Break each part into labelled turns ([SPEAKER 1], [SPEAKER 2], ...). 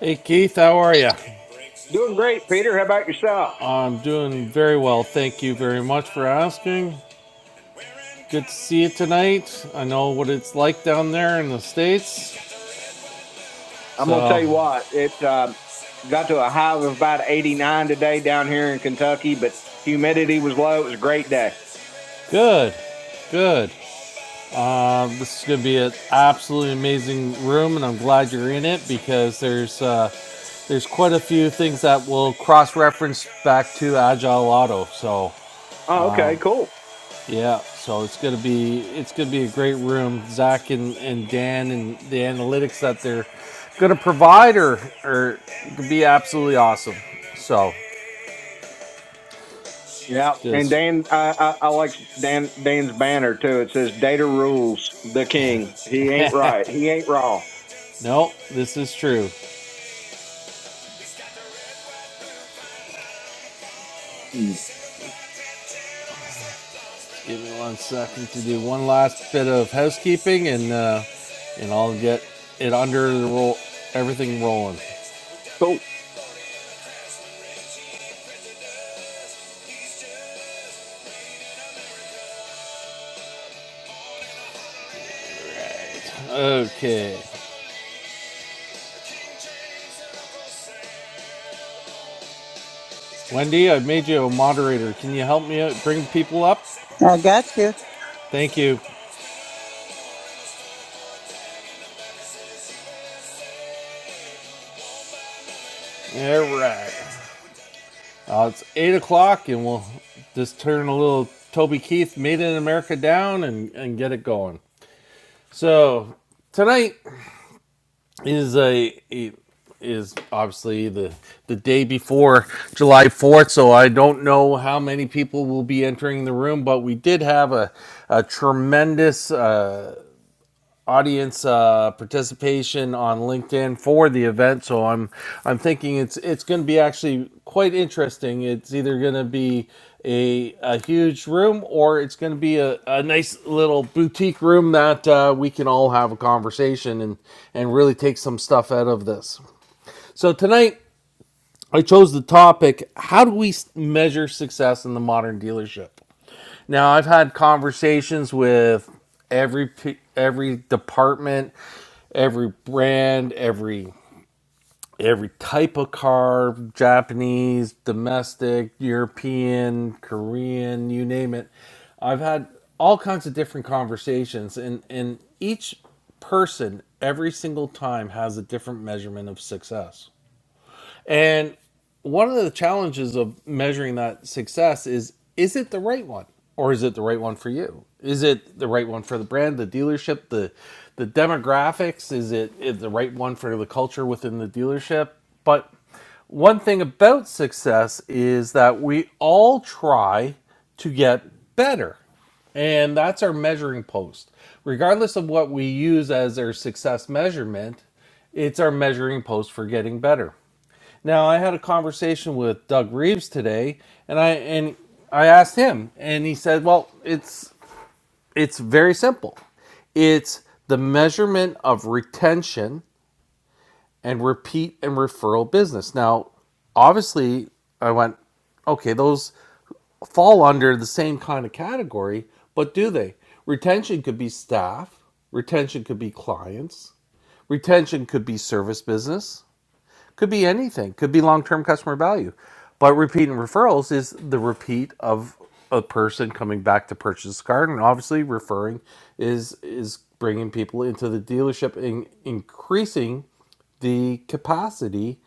[SPEAKER 1] Hey Keith, how are you?
[SPEAKER 2] Doing great, Peter. How about yourself?
[SPEAKER 1] I'm doing very well. Thank you very much for asking. Good to see you tonight. I know what it's like down there in the States.
[SPEAKER 2] I'm gonna tell
[SPEAKER 1] So,
[SPEAKER 2] you what. It um, got to a high of about 89 today down here in Kentucky, but humidity was low. It was a great day.
[SPEAKER 1] good, good. Uh, this is going to be an absolutely amazing room, and I'm glad you're in it because there's uh, there's quite a few things that will cross reference back to Agile Auto. So,
[SPEAKER 2] Oh, okay, cool.
[SPEAKER 1] Yeah, so it's gonna be it's gonna be a great room. Zach and, and Dan and the analytics that they're gonna provide are are gonna be absolutely awesome. So
[SPEAKER 2] Yeah, and
[SPEAKER 1] just
[SPEAKER 2] Dan, I, I, I like Dan Dan's banner too. It says "Data rules the king." He ain't right. He ain't wrong.
[SPEAKER 1] no, this is true. Give me one second to do one last bit of housekeeping and uh, and I'll get it under the roll everything rolling.
[SPEAKER 2] Cool.
[SPEAKER 1] Right. Okay. Wendy, I made you a moderator. Can you help me out? Bring people up?
[SPEAKER 3] I got you.
[SPEAKER 1] Thank you. All right. Uh, it's eight o'clock, and we'll just turn a little Toby Keith "Made in America" down and, and get it going. So tonight is a, a- is obviously the the day before July Fourth. So I don't know how many people will be entering the room, but we did have a a tremendous. Uh, audience uh, participation on LinkedIn for the event. So I'm I'm thinking it's it's going to be actually quite interesting. It's either going to be a, a huge room or it's going to be a, a nice little boutique room that uh, we can all have a conversation and and really take some stuff out of this. So tonight I chose the topic: How do we measure success in the modern dealership? Now I've had conversations with every every department every brand, every every type of car, Japanese, domestic, European, Korean, you name it. I've had all kinds of different conversations and and each person every single time has a different measurement of success. And one of the challenges of measuring that success is is it the right one? Or is it the right one for you? Is it the right one for the brand, the dealership, the the demographics? Is it is it the right one for the culture within the dealership? But one thing about success is that we all try to get better. And that's our measuring post. Regardless of what we use as our success measurement, it's our measuring post for getting better. Now I had a conversation with Doug Reeves today, and I and I asked him, and he said, "Well, it's it's very simple. It's the measurement of retention and repeat and referral business." Now, obviously, I went, "Okay, those fall under the same kind of category, but do they? Retention could be staff, retention could be clients, retention could be service business." Could be anything. Could be long term customer value. But repeat and referrals is the repeat of a person coming back to purchase a car, and obviously referring is is bringing people into the dealership and increasing the capacity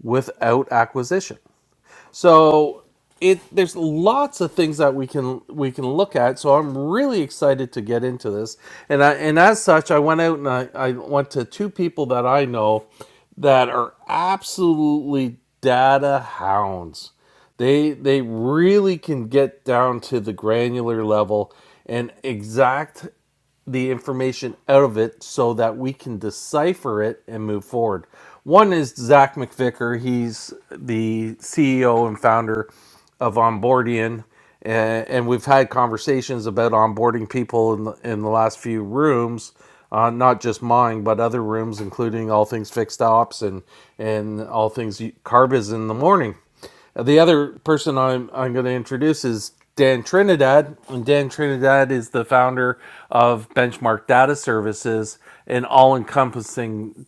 [SPEAKER 1] without acquisition. So it there's lots of things that we can we can look at. So I'm really excited to get into this. And I and as such, I went out and I, I went to two people that I know that are absolutely data hounds. They they really can get down to the granular level and exact the information out of it so that we can decipher it and move forward. One is Zach McVicker. He's the CEO and founder of Onboardian. a- And we've had conversations about onboarding people in the, in the last few rooms, uh, not just mine, but other rooms, including all things fixed ops and, and all things carb is in the morning. The other person I'm, I'm going to introduce is Dan Trinidad. And Dan Trinidad is the founder of Benchmark Data Services, an all encompassing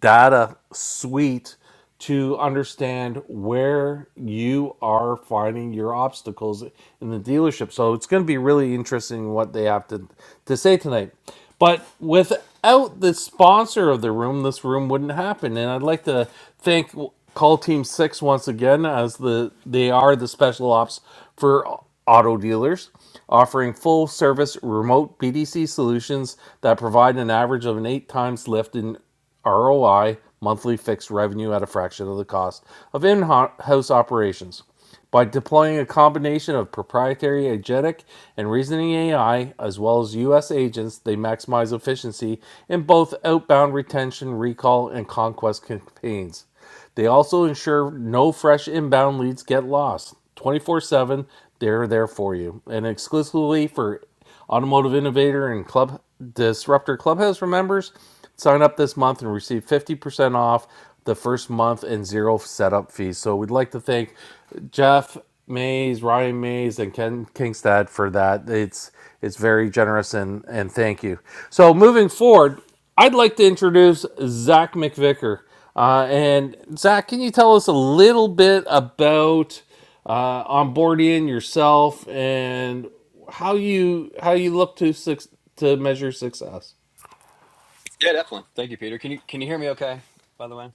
[SPEAKER 1] data suite to understand where you are finding your obstacles in the dealership. So it's going to be really interesting what they have to, to say tonight. But without the sponsor of the room, this room wouldn't happen. And I'd like to thank Call Team 6 once again as the they are the special ops for auto dealers offering full service remote BDC solutions that provide an average of an 8 times lift in ROI, monthly fixed revenue at a fraction of the cost of in-house operations. By deploying a combination of proprietary agentic and reasoning AI, as well as US agents, they maximize efficiency in both outbound retention, recall, and conquest campaigns. They also ensure no fresh inbound leads get lost. 24 7, they're there for you. And exclusively for Automotive Innovator and Club Disruptor Clubhouse members, sign up this month and receive 50% off the first month and zero setup fees. So we'd like to thank Jeff Mays, Ryan Mays, and Ken Kingstad for that. It's it's very generous and, and thank you. So moving forward, I'd like to introduce Zach McVicker. Uh, and Zach, can you tell us a little bit about uh, onboarding yourself and how you how you look to suc to measure success?
[SPEAKER 4] Yeah, definitely. Thank you, Peter. Can you can you hear me okay, by the way?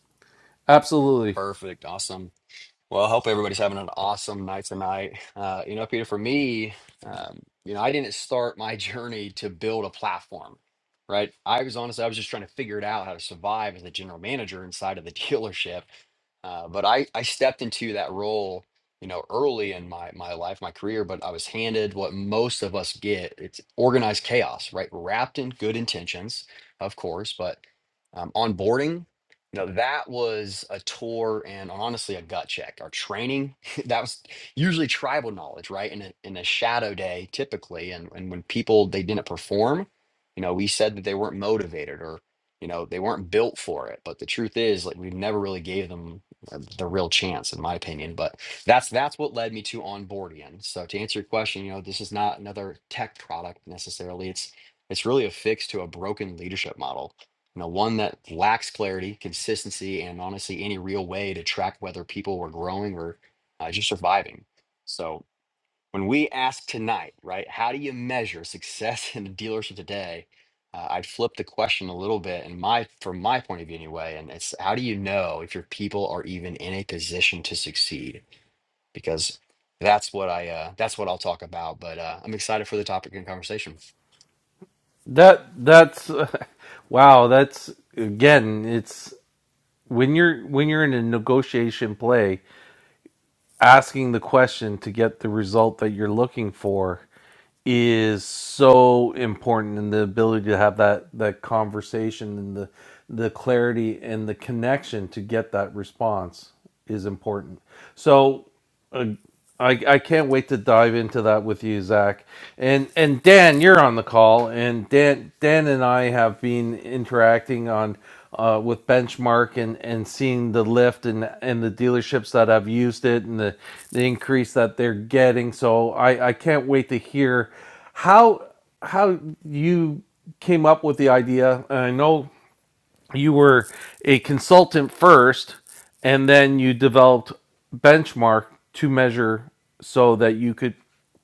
[SPEAKER 1] Absolutely.
[SPEAKER 4] Perfect. Awesome. Well, I hope everybody's having an awesome night tonight. Uh, you know, Peter, for me, um, you know, I didn't start my journey to build a platform, right? I was honestly, I was just trying to figure it out how to survive as a general manager inside of the dealership. Uh, but I, I stepped into that role, you know, early in my my life, my career. But I was handed what most of us get: it's organized chaos, right? Wrapped in good intentions, of course, but um, onboarding you know that was a tour and honestly a gut check our training that was usually tribal knowledge right in a, in a shadow day typically and, and when people they didn't perform you know we said that they weren't motivated or you know they weren't built for it but the truth is like we never really gave them uh, the real chance in my opinion but that's that's what led me to onboarding so to answer your question you know this is not another tech product necessarily it's it's really a fix to a broken leadership model you know, one that lacks clarity, consistency, and honestly, any real way to track whether people were growing or uh, just surviving. So, when we ask tonight, right, how do you measure success in the dealership today? Uh, I'd flip the question a little bit, and my from my point of view anyway, and it's how do you know if your people are even in a position to succeed? Because that's what I uh, that's what I'll talk about. But uh, I'm excited for the topic and conversation.
[SPEAKER 1] That that's uh, wow, that's again, it's when you're when you're in a negotiation play asking the question to get the result that you're looking for is so important and the ability to have that that conversation and the the clarity and the connection to get that response is important so uh, I, I can't wait to dive into that with you, Zach. And and Dan, you're on the call, and Dan Dan and I have been interacting on uh, with Benchmark and, and seeing the lift and and the dealerships that have used it and the, the increase that they're getting. So I, I can't wait to hear how how you came up with the idea. And I know you were a consultant first and then you developed benchmark to measure so that you could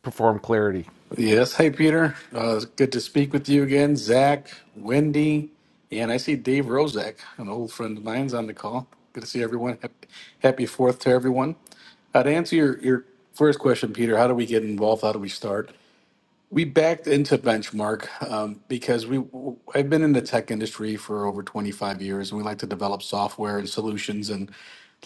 [SPEAKER 1] perform clarity
[SPEAKER 5] Yes. Hey, Peter. Uh, it's good to speak with you again. Zach, Wendy, and I see Dave Rozek, an old friend of mine's on the call. Good to see everyone. Hap- Happy Fourth to everyone. Uh, to answer your, your first question, Peter, how do we get involved? How do we start? We backed into Benchmark um, because we I've been in the tech industry for over 25 years, and we like to develop software and solutions. And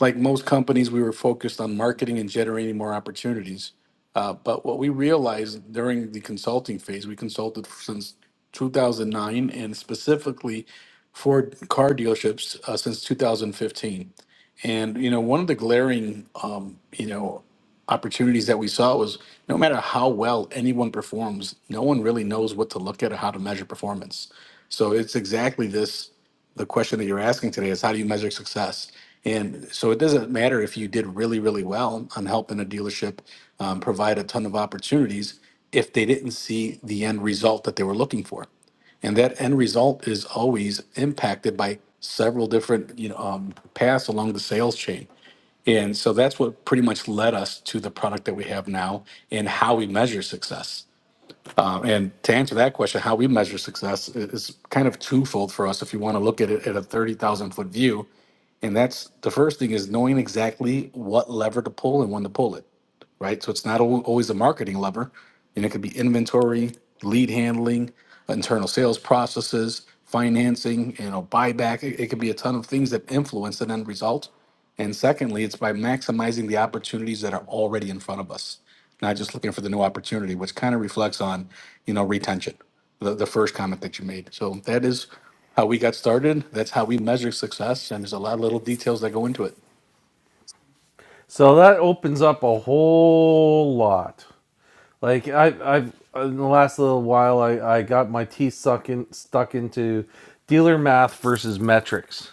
[SPEAKER 5] like most companies, we were focused on marketing and generating more opportunities. Uh, but what we realized during the consulting phase, we consulted since 2009, and specifically for car dealerships uh, since 2015. And you know, one of the glaring um, you know opportunities that we saw was no matter how well anyone performs, no one really knows what to look at or how to measure performance. So it's exactly this the question that you're asking today is how do you measure success? And so it doesn't matter if you did really, really well on helping a dealership um, provide a ton of opportunities if they didn't see the end result that they were looking for and that end result is always impacted by several different you know um, paths along the sales chain and so that's what pretty much led us to the product that we have now and how we measure success. Um, and to answer that question, how we measure success i- is kind of twofold for us if you want to look at it at a 30,000 foot view. And that's the first thing is knowing exactly what lever to pull and when to pull it, right? So it's not al- always a marketing lever, and it could be inventory, lead handling, internal sales processes, financing, you know, buyback. It, it could be a ton of things that influence an end result and secondly, it's by maximizing the opportunities that are already in front of us, not just looking for the new opportunity, which kind of reflects on, you know, retention, the, the first comment that you made. So that is how we got started. That's how we measure success. And there's a lot of little details that go into it.
[SPEAKER 1] so that opens up a whole lot like I, i've in the last little while i, I got my teeth stuck, in, stuck into dealer math versus metrics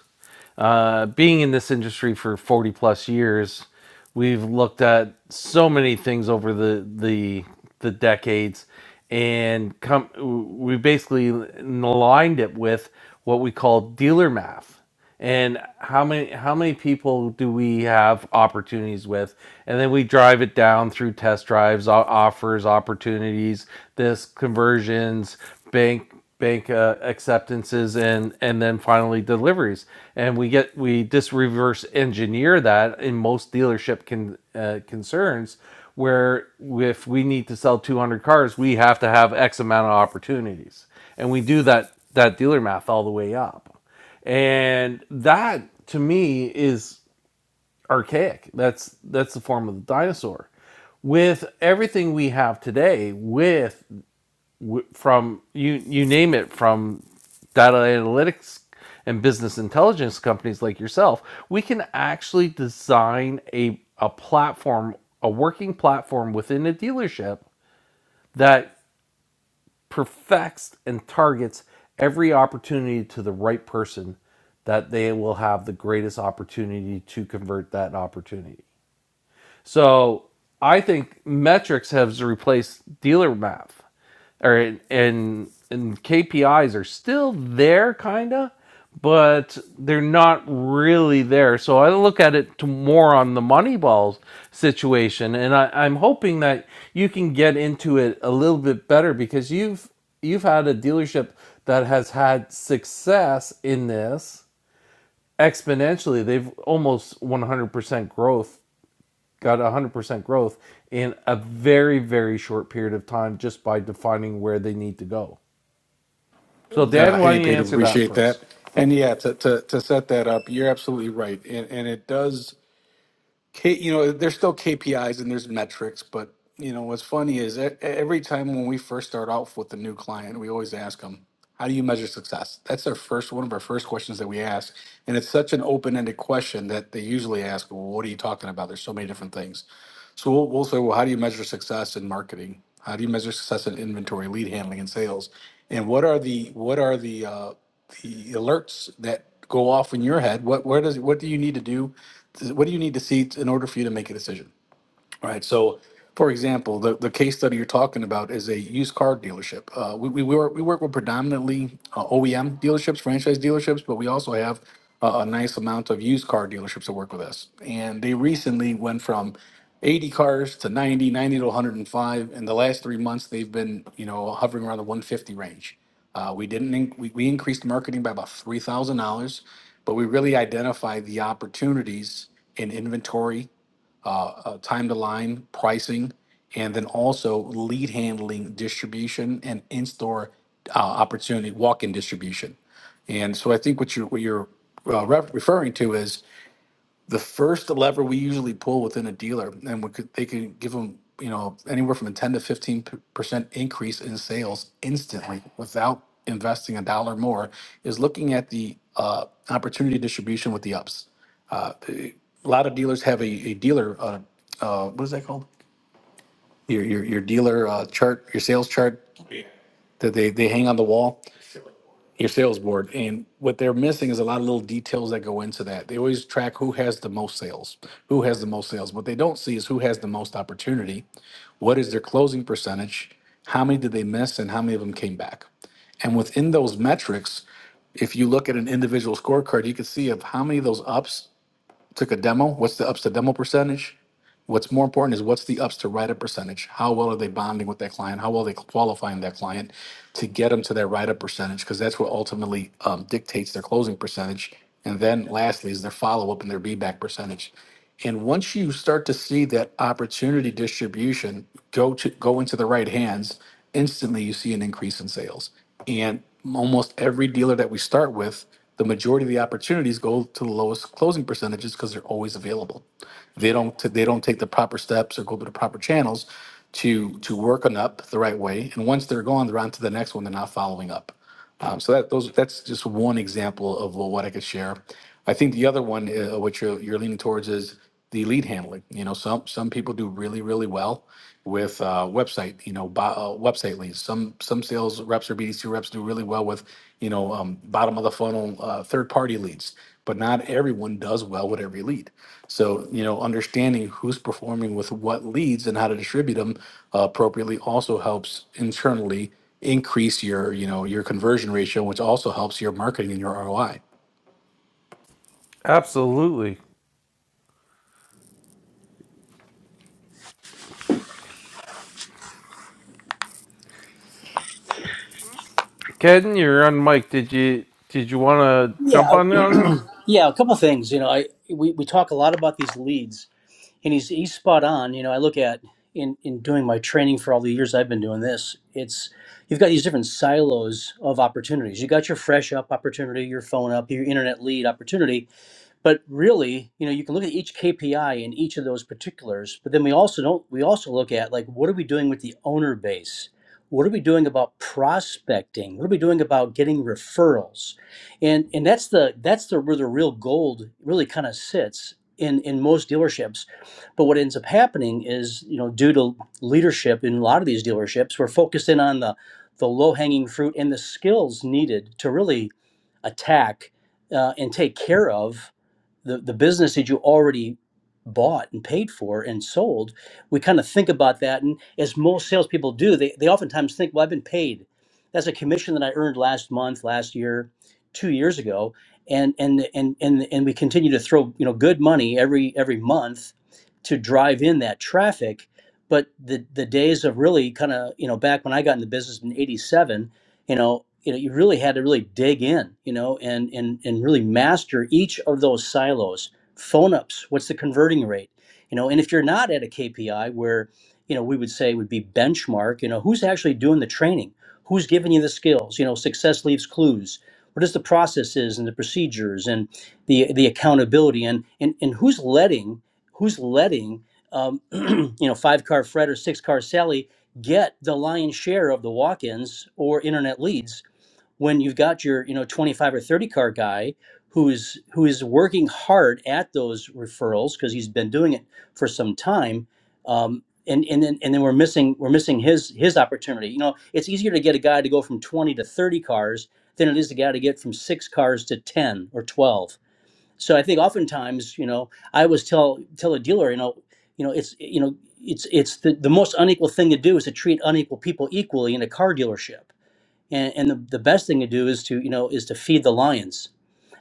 [SPEAKER 1] Uh, being in this industry for 40 plus years, we've looked at so many things over the the the decades, and come we basically aligned it with what we call dealer math and how many how many people do we have opportunities with and then we drive it down through test drives o- offers opportunities this conversions bank bank uh, acceptances and and then finally deliveries and we get we just reverse engineer that in most dealership con, uh, concerns where if we need to sell 200 cars we have to have x amount of opportunities and we do that that dealer math all the way up and that to me is archaic that's that's the form of the dinosaur with everything we have today with from you you name it from data analytics and business intelligence companies like yourself we can actually design a a platform a working platform within a dealership that perfects and targets every opportunity to the right person that they will have the greatest opportunity to convert that opportunity so I think metrics has replaced dealer math, or and and KPIs are still there, kinda, but they're not really there. So I look at it to more on the Moneyball situation, and I, I'm hoping that you can get into it a little bit better because you've you've had a dealership that has had success in this exponentially. They've almost 100% growth got 100% growth in a very, very short period of time just by defining where they need to go. So,
[SPEAKER 5] Uh,
[SPEAKER 1] Dan, why
[SPEAKER 5] hey,
[SPEAKER 1] don't you
[SPEAKER 5] Peter,
[SPEAKER 1] answer that
[SPEAKER 5] appreciate
[SPEAKER 1] for us?
[SPEAKER 5] that. And yeah, to, to, to set that up, you're absolutely right. And, and it does. K, you know, there's still KPIs and there's metrics, but you know what's funny is e- e, every time when we first start off with a new client, we always ask them, "How do you measure success?" That's our first one of our first questions that we ask, and it's such an open-ended question that they usually ask, "Well, what are you talking about?" There's so many different things, so we'll, we'll say, "Well, how do you measure success in marketing? How do you measure success in inventory, lead handling, and sales?" And what are the what are the uh, alerts that go off in your head. What where does what do you need to do? What do you need to see in order for you to make a decision? right? So, for example, the, the case study you're talking about is a used car dealership. Uh, we, we, work, we work with predominantly uh, OEM dealerships, franchise dealerships, but we also have uh, a nice amount of used car dealerships that work with us. And they recently went from 80 cars to 90, 90 to 105. In the last three months, they've been, you know, hovering around the 150 range. Uh, we didn't, inc- we, we increased marketing by about $3,000, but we really identified the opportunities in inventory uh, time to line pricing, and then also lead handling, distribution, and in-store uh, opportunity, walk-in distribution. And so I think what you're what you're uh, ref- referring to is the first lever we usually pull within a dealer, and we could, they can give them you know anywhere from a 10 to 15 percent increase in sales instantly without investing a dollar more is looking at the uh, opportunity distribution with the ups a lot of dealers have a, a dealer, uh, uh, what is that called? your your, your dealer uh, chart, your sales chart that they they hang on the wall, your sales board. And what they're missing is a lot of little details that go into that. They always track who has the most sales, who has the most sales. What they don't see is who has the most opportunity, what is their closing percentage, how many did they miss, and how many of them came back. And within those metrics, if you look at an individual scorecard, you can see of how many of those ups took a demo. What's the ups to demo percentage? What's more important is what's the ups to write up percentage? How well are they bonding with that client? How well are they qualifying that client to get them to that write up percentage? Because that's what ultimately um, dictates their closing percentage. And then lastly is their follow up and their be back percentage. And once you start to see that opportunity distribution go to go into the right hands, instantly you see an increase in sales. And almost every dealer that we start with, the majority of the opportunities go to the lowest closing percentages because they're always available. They don't they don't take the proper steps or go to the proper channels to to work on up the right way. And once they're gone, they're on to the next one. They're not following up. Um, so that those that's just one example of what I could share. I think the other one, uh, which you're, you're leaning towards, is the lead handling. You know, some some people do really really well with uh, website. You know, bo- uh, website leads. Some some sales reps or BDC reps do really well with you know um, bottom of the funnel uh, third party leads. But not everyone does well with every lead. So you know, understanding who's performing with what leads and how to distribute them uh, appropriately also helps internally increase your you know your conversion ratio which also helps your marketing and your roi
[SPEAKER 1] Absolutely. Ken, you're on mic. Did you did you want to jump
[SPEAKER 6] Yeah,
[SPEAKER 1] on on this?
[SPEAKER 6] yeah. A couple things. You know, I we, we talk a lot about these leads, and he's he's spot on. You know, I look at in in doing my training for all the years I've been doing this. It's you've got these different silos of opportunities. You got your fresh up opportunity, your phone up, your internet lead opportunity, but really you know you can look at each kpi in each of those particulars but then we also don't we also look at like what are we doing with the owner base what are we doing about prospecting what are we doing about getting referrals and and that's the that's the where the real gold really kind of sits in in most dealerships but what ends up happening is you know due to leadership in a lot of these dealerships we're focused in on the the low hanging fruit and the skills needed to really attack uh, and take care of the, the business that you already bought and paid for and sold, we kind of think about that. And as most salespeople do, they, they oftentimes think, well, I've been paid. That's a commission that I earned last month, last year, two years ago. And, and, and, and, and we continue to throw, you know, good money every, every month to drive in that traffic. But the, the days of really kind of, you know, back when I got in the business in 87, you know you know you really had to really dig in you know and and and really master each of those silos phone ups what's the converting rate you know and if you're not at a kpi where you know we would say would be benchmark you know who's actually doing the training who's giving you the skills you know success leaves clues what is the processes and the procedures and the the accountability and and, and who's letting who's letting um, you know five car fred or six car sally get the lion's share of the walk-ins or internet leads when you've got your you know 25 or 30 car guy who's who is working hard at those referrals because he's been doing it for some time um, and and then and then we're missing we're missing his his opportunity you know it's easier to get a guy to go from 20 to 30 cars than it is to get a guy to get from six cars to 10 or 12 so I think oftentimes, you know, I always tell tell a dealer, you know, you know, it's you know, it's it's the, the most unequal thing to do is to treat unequal people equally in a car dealership and, and the, the best thing to do is to you know is to feed the lions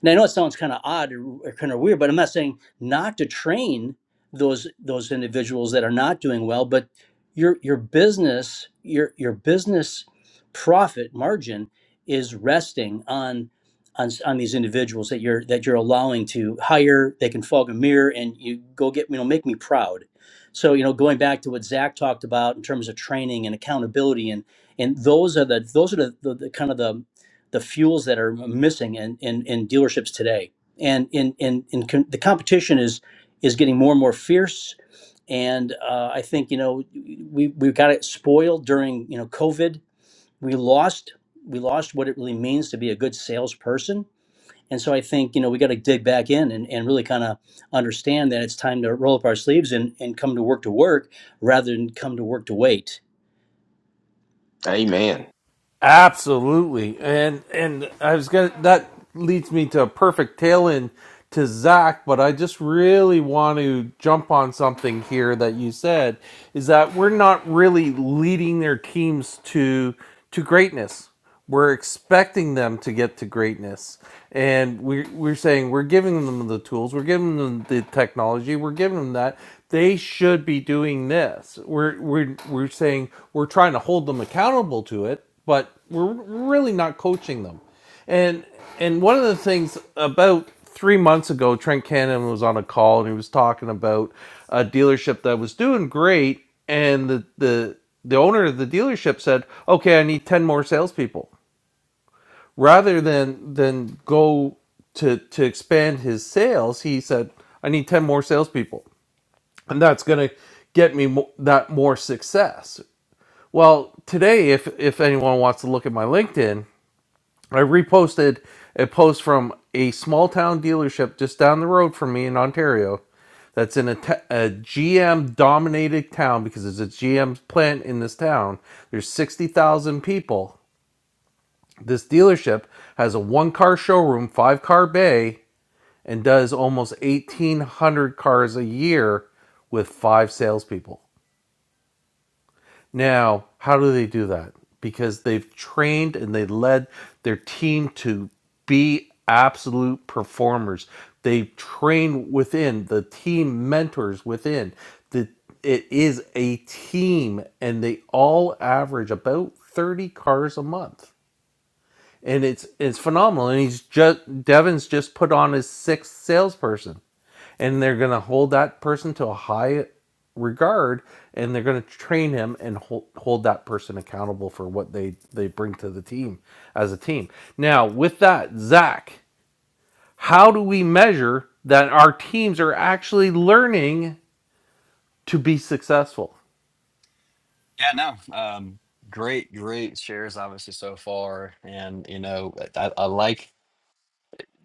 [SPEAKER 6] and i know it sounds kind of odd or, or kind of weird but i'm not saying not to train those those individuals that are not doing well but your your business your your business profit margin is resting on on, s- on these individuals that you're that you're allowing to hire they can fog a mirror and you go get you know make me proud so you know going back to what zach talked about in terms of training and accountability and those are the those are the, the, the kind of the the fuels that are missing in in, in dealerships today and in in, in com- the competition is is getting more and more fierce and uh, i think you know we we got it spoiled during you know covid we lost we lost what it really means to be a good salesperson and so i think you know we got to dig back in and, and really kind of understand that it's time to roll up our sleeves and, and come to work to work rather than come to work to wait
[SPEAKER 1] Absolutely, and and I was gonna. That leads me to a perfect tail end to Zach, but I just really want to jump on something here that you said is that we're not really leading their teams to to greatness. We're expecting them to get to greatness, and we're we're saying we're giving them the tools, we're giving them the technology, we're giving them that they should be doing this. We're we're we're saying we're trying to hold them accountable to it, but we're really not coaching them. And and one of the things about three months ago, Trent Cannon was on a call and he was talking about a dealership that was doing great, and the the the owner of the dealership said, "Okay, I need ten more salespeople." Rather than than go to to expand his sales, he said, "I need ten more salespeople, and that's gonna get me mo- that more success." Well, today, if if anyone wants to look at my LinkedIn, I reposted a post from a small town dealership just down the road from me in Ontario that's in a, t- a GM dominated town because it's a GM plant in this town. There's 60,000 people. This dealership has a one car showroom, five car bay, and does almost 1,800 cars a year with five salespeople. Now, how do they do that? Because they've trained and they led their team to be absolute performers. They train within the team mentors within. The it is a team and they all average about 30 cars a month. And it's it's phenomenal. And he's just Devin's just put on his sixth salesperson and they're going to hold that person to a high regard and they're going to train him and hold, hold that person accountable for what they they bring to the team as a team now with that zach how do we measure that our teams are actually learning to be successful
[SPEAKER 4] Yeah, no. Um, great, great shares, obviously, so far. And, you know, I, I like,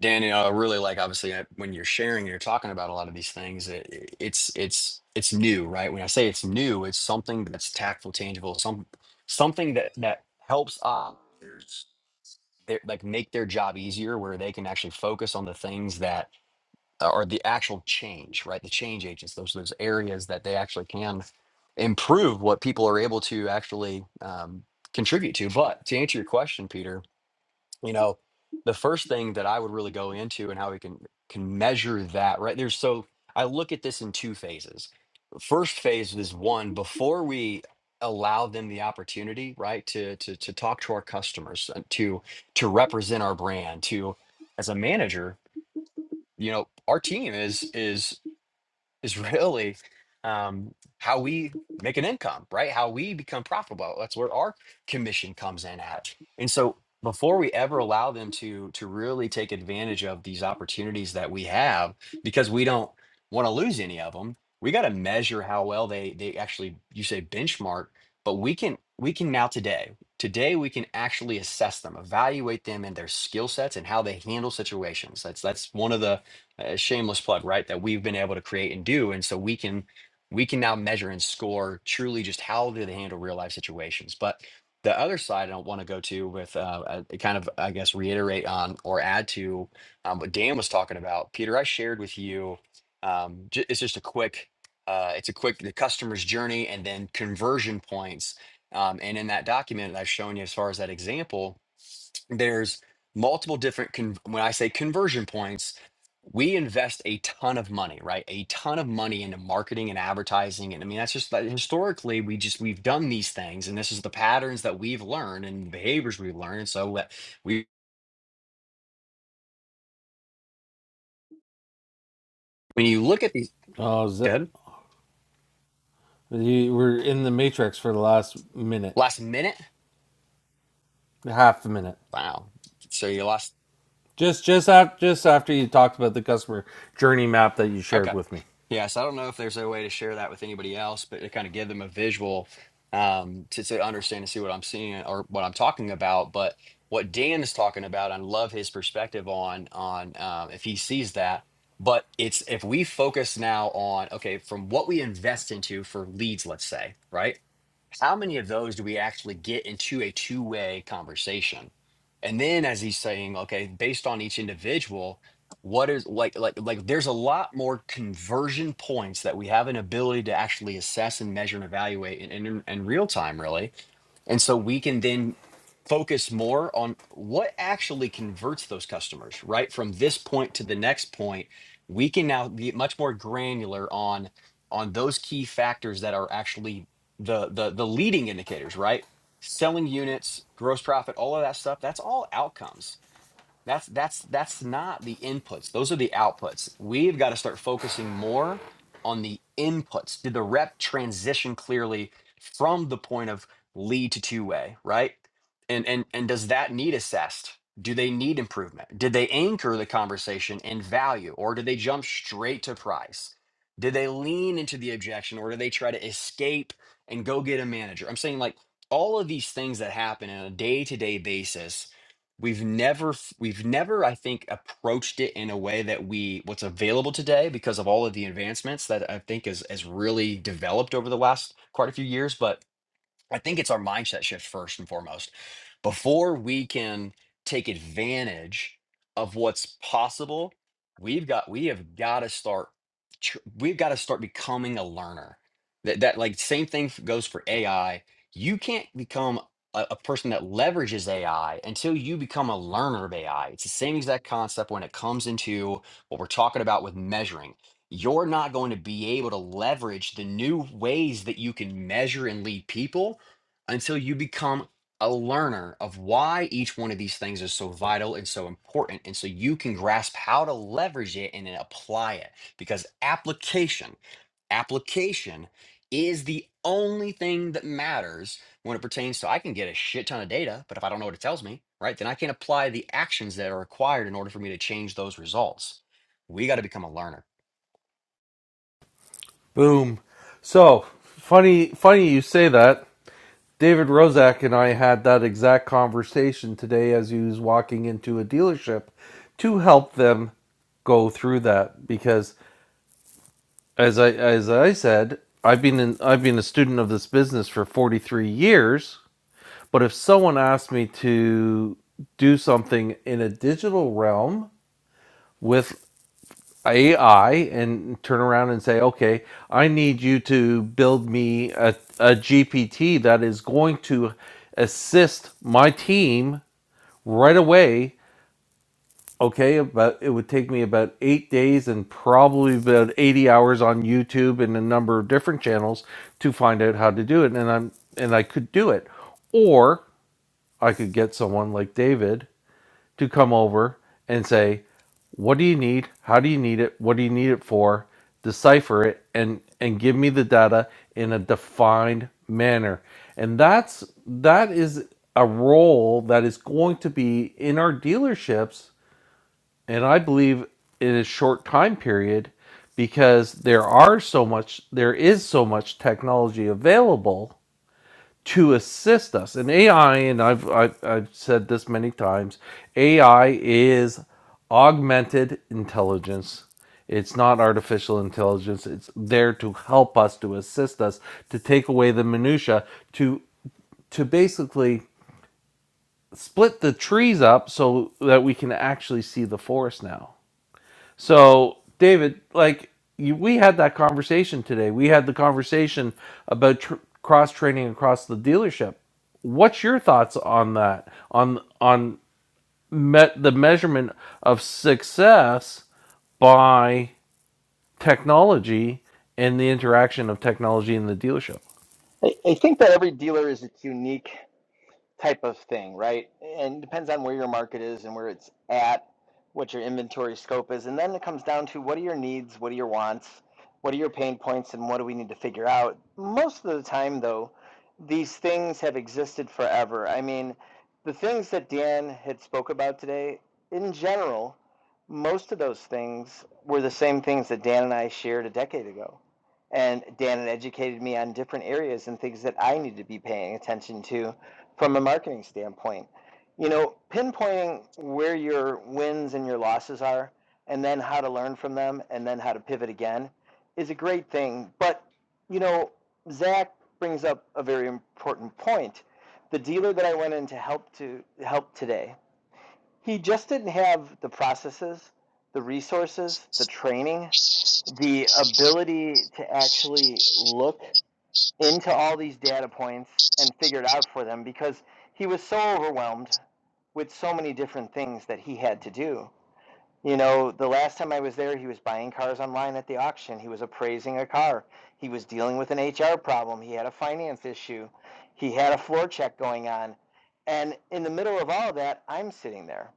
[SPEAKER 4] Danny. I really like, obviously, I, when you're sharing and you're talking about a lot of these things, it, it- it's, it's, it's new, right? When I say it's new, it's something that's tactful, tangible, some, something that, that helps others, their- like make their job easier where they can actually focus on the things that uh, or the actual change, right? The change agents, those those areas that they actually can improve what people are able to actually um, contribute to. But to answer your question, Peter, you know, the first thing that I would really go into and how we can can measure that, right? There's so I look at this in two phases. First phase is one before we allow them the opportunity, right, to to to talk to our customers, uh, to to represent our brand, to as a manager you know our team is is is really um how we make an income right how we become profitable that's where our commission comes in at and so before we ever allow them to to really take advantage of these opportunities that we have because we don't want to lose any of them we got to measure how well they they actually you say benchmark but we can we can now today today we can actually assess them evaluate them and their skill sets and how they handle situations that's that's one of the a shameless plug, right? That we've been able to create and do. And so we can we can now measure and score truly just how do they handle real life situations. But the other side I don't want to go to with uh, uh, kind of I guess reiterate on or add to um, what Dan was talking about. Peter, I shared with you. Um, ju- it's just a quick. Uh, it's a quick the customer's journey and then conversion points. Um, and in that document that I've shown you as far as that example, there's multiple different con- when i say conversion points we invest a ton of money right a ton of money into marketing and advertising and i mean that's just like, historically we just we've done these things and this is the patterns that we've learned and behaviors we've learned and so what we when you look at these
[SPEAKER 1] Oh, Z-
[SPEAKER 4] good
[SPEAKER 1] you were in the matrix for the last minute,
[SPEAKER 4] last minute
[SPEAKER 1] half a minute.
[SPEAKER 4] wow so you lost
[SPEAKER 1] Just just after just after you talked about the customer journey map that you shared
[SPEAKER 4] Okay.
[SPEAKER 1] with me
[SPEAKER 4] Yeah, so I don't know if there's a way to share that with anybody else, but to kind of give them a visual um, to, to understand and see what I'm seeing or what I'm talking about. But what Dan is talking about, I love his perspective on on um, if he sees that. But it's if we focus now on okay, from what we invest into for leads, let's say, right? how many of those do we actually get into a two-way conversation and then as he's saying okay based on each individual what is like like like there's a lot more conversion points that we have an ability to actually assess and measure and evaluate in, in, in real time really and so we can then focus more on what actually converts those customers, right? From this point to the next point, we can now be much more granular on on those key factors that are actually the the the leading indicators, right? Selling units, gross profit, all of that stuff, that's all outcomes. That's that's that's not the inputs. Those are the outputs. We've got to start focusing more on the inputs. Did the rep transition clearly from the point of lead to two-way, right? And and and does that need assessed? Do they need improvement? Did they anchor the conversation in value or did they jump straight to price? Did they lean into the objection or do they try to escape and go get a manager? I'm saying like all of these things that happen on a day-to-day basis we've never f- we've never i think approached it in a way that we what's available today because of all of the advancements that i think is has really developed over the last quite a few years but I think it's our mindset shift first and foremost. Before we can take advantage of what's possible, we've got we have got to start tr- we've got to start becoming a learner. That that like same thing f- goes for AI. You can't become a, a person that leverages AI until you become a learner of AI. It's the same exact concept when it comes into what we're talking about with measuring you're not going to be able to leverage the new ways that you can measure and lead people until you become a learner of why each one of these things is so vital and so important. And so you can grasp how to leverage it and then apply it because application, application is the only thing that matters when it pertains to I can get a shit ton of data, but if I don't know what it tells me, right, then I can't apply the actions that are required in order for me to change those results. We got to become a learner.
[SPEAKER 1] Boom. So funny, funny you say that. David Rozak and I had that exact conversation today as he was walking into a dealership to help them go through that because as I as I said, I've been in, I've been a student of this business for 43 years, but if someone asked me to do something in a digital realm with AI and turn around and say, okay, I need you to build me a, GPT that is going to assist my team right away. Okay, but it would take me about eight days and probably about 80 hours on YouTube and a number of different channels to find out how to do it. And I'm and I could do it. Or I could get someone like David to come over and say, what do you need? How do you need it? What do you need it for? Decipher it and and give me the data in a defined manner. And that's that is a role that is going to be in our dealerships and I believe in a short time period because there are so much there is so much technology available to assist us. And AI, and I've, I've, I've said this many times AI is augmented intelligence. It's not artificial intelligence. It's there to help us, to assist us, to take away the minutia, to to basically split the trees up so that we can actually see the forest now so, David, like you, we had that conversation today. We had the conversation about tr- cross training across the dealership. What's your thoughts on that? On on me- the measurement of success by technology and the interaction of technology in the dealership.
[SPEAKER 7] I, I think that every dealer is unique type of thing, right? And it depends on where your market is and where it's at, what your inventory scope is. And then it comes down to what are your needs, what are your wants, what are your pain points, and what do we need to figure out? Most of the time, though, these things have existed forever. I mean, the things that Dan had spoke about today, in general, most of those things were the same things that Dan and I shared a decade ago. And Dan had educated me on different areas and things that I needed to be paying attention to from a marketing standpoint. You know, pinpointing where your wins and your losses are, and then how to learn from them, and then how to pivot again is a great thing. But, you know, Zach brings up a very important point. The dealer that I went in to help to help today, he just didn't have the processes, the resources, the training, the ability to actually look into all these data points and figured out for them because he was so overwhelmed with so many different things that he had to do. You know, the last time I was there, he was buying cars online at the auction. He was appraising a car. He was dealing with an HR problem. He had a finance issue. He had a floor check going on. And in the middle of all of that, I'm sitting there.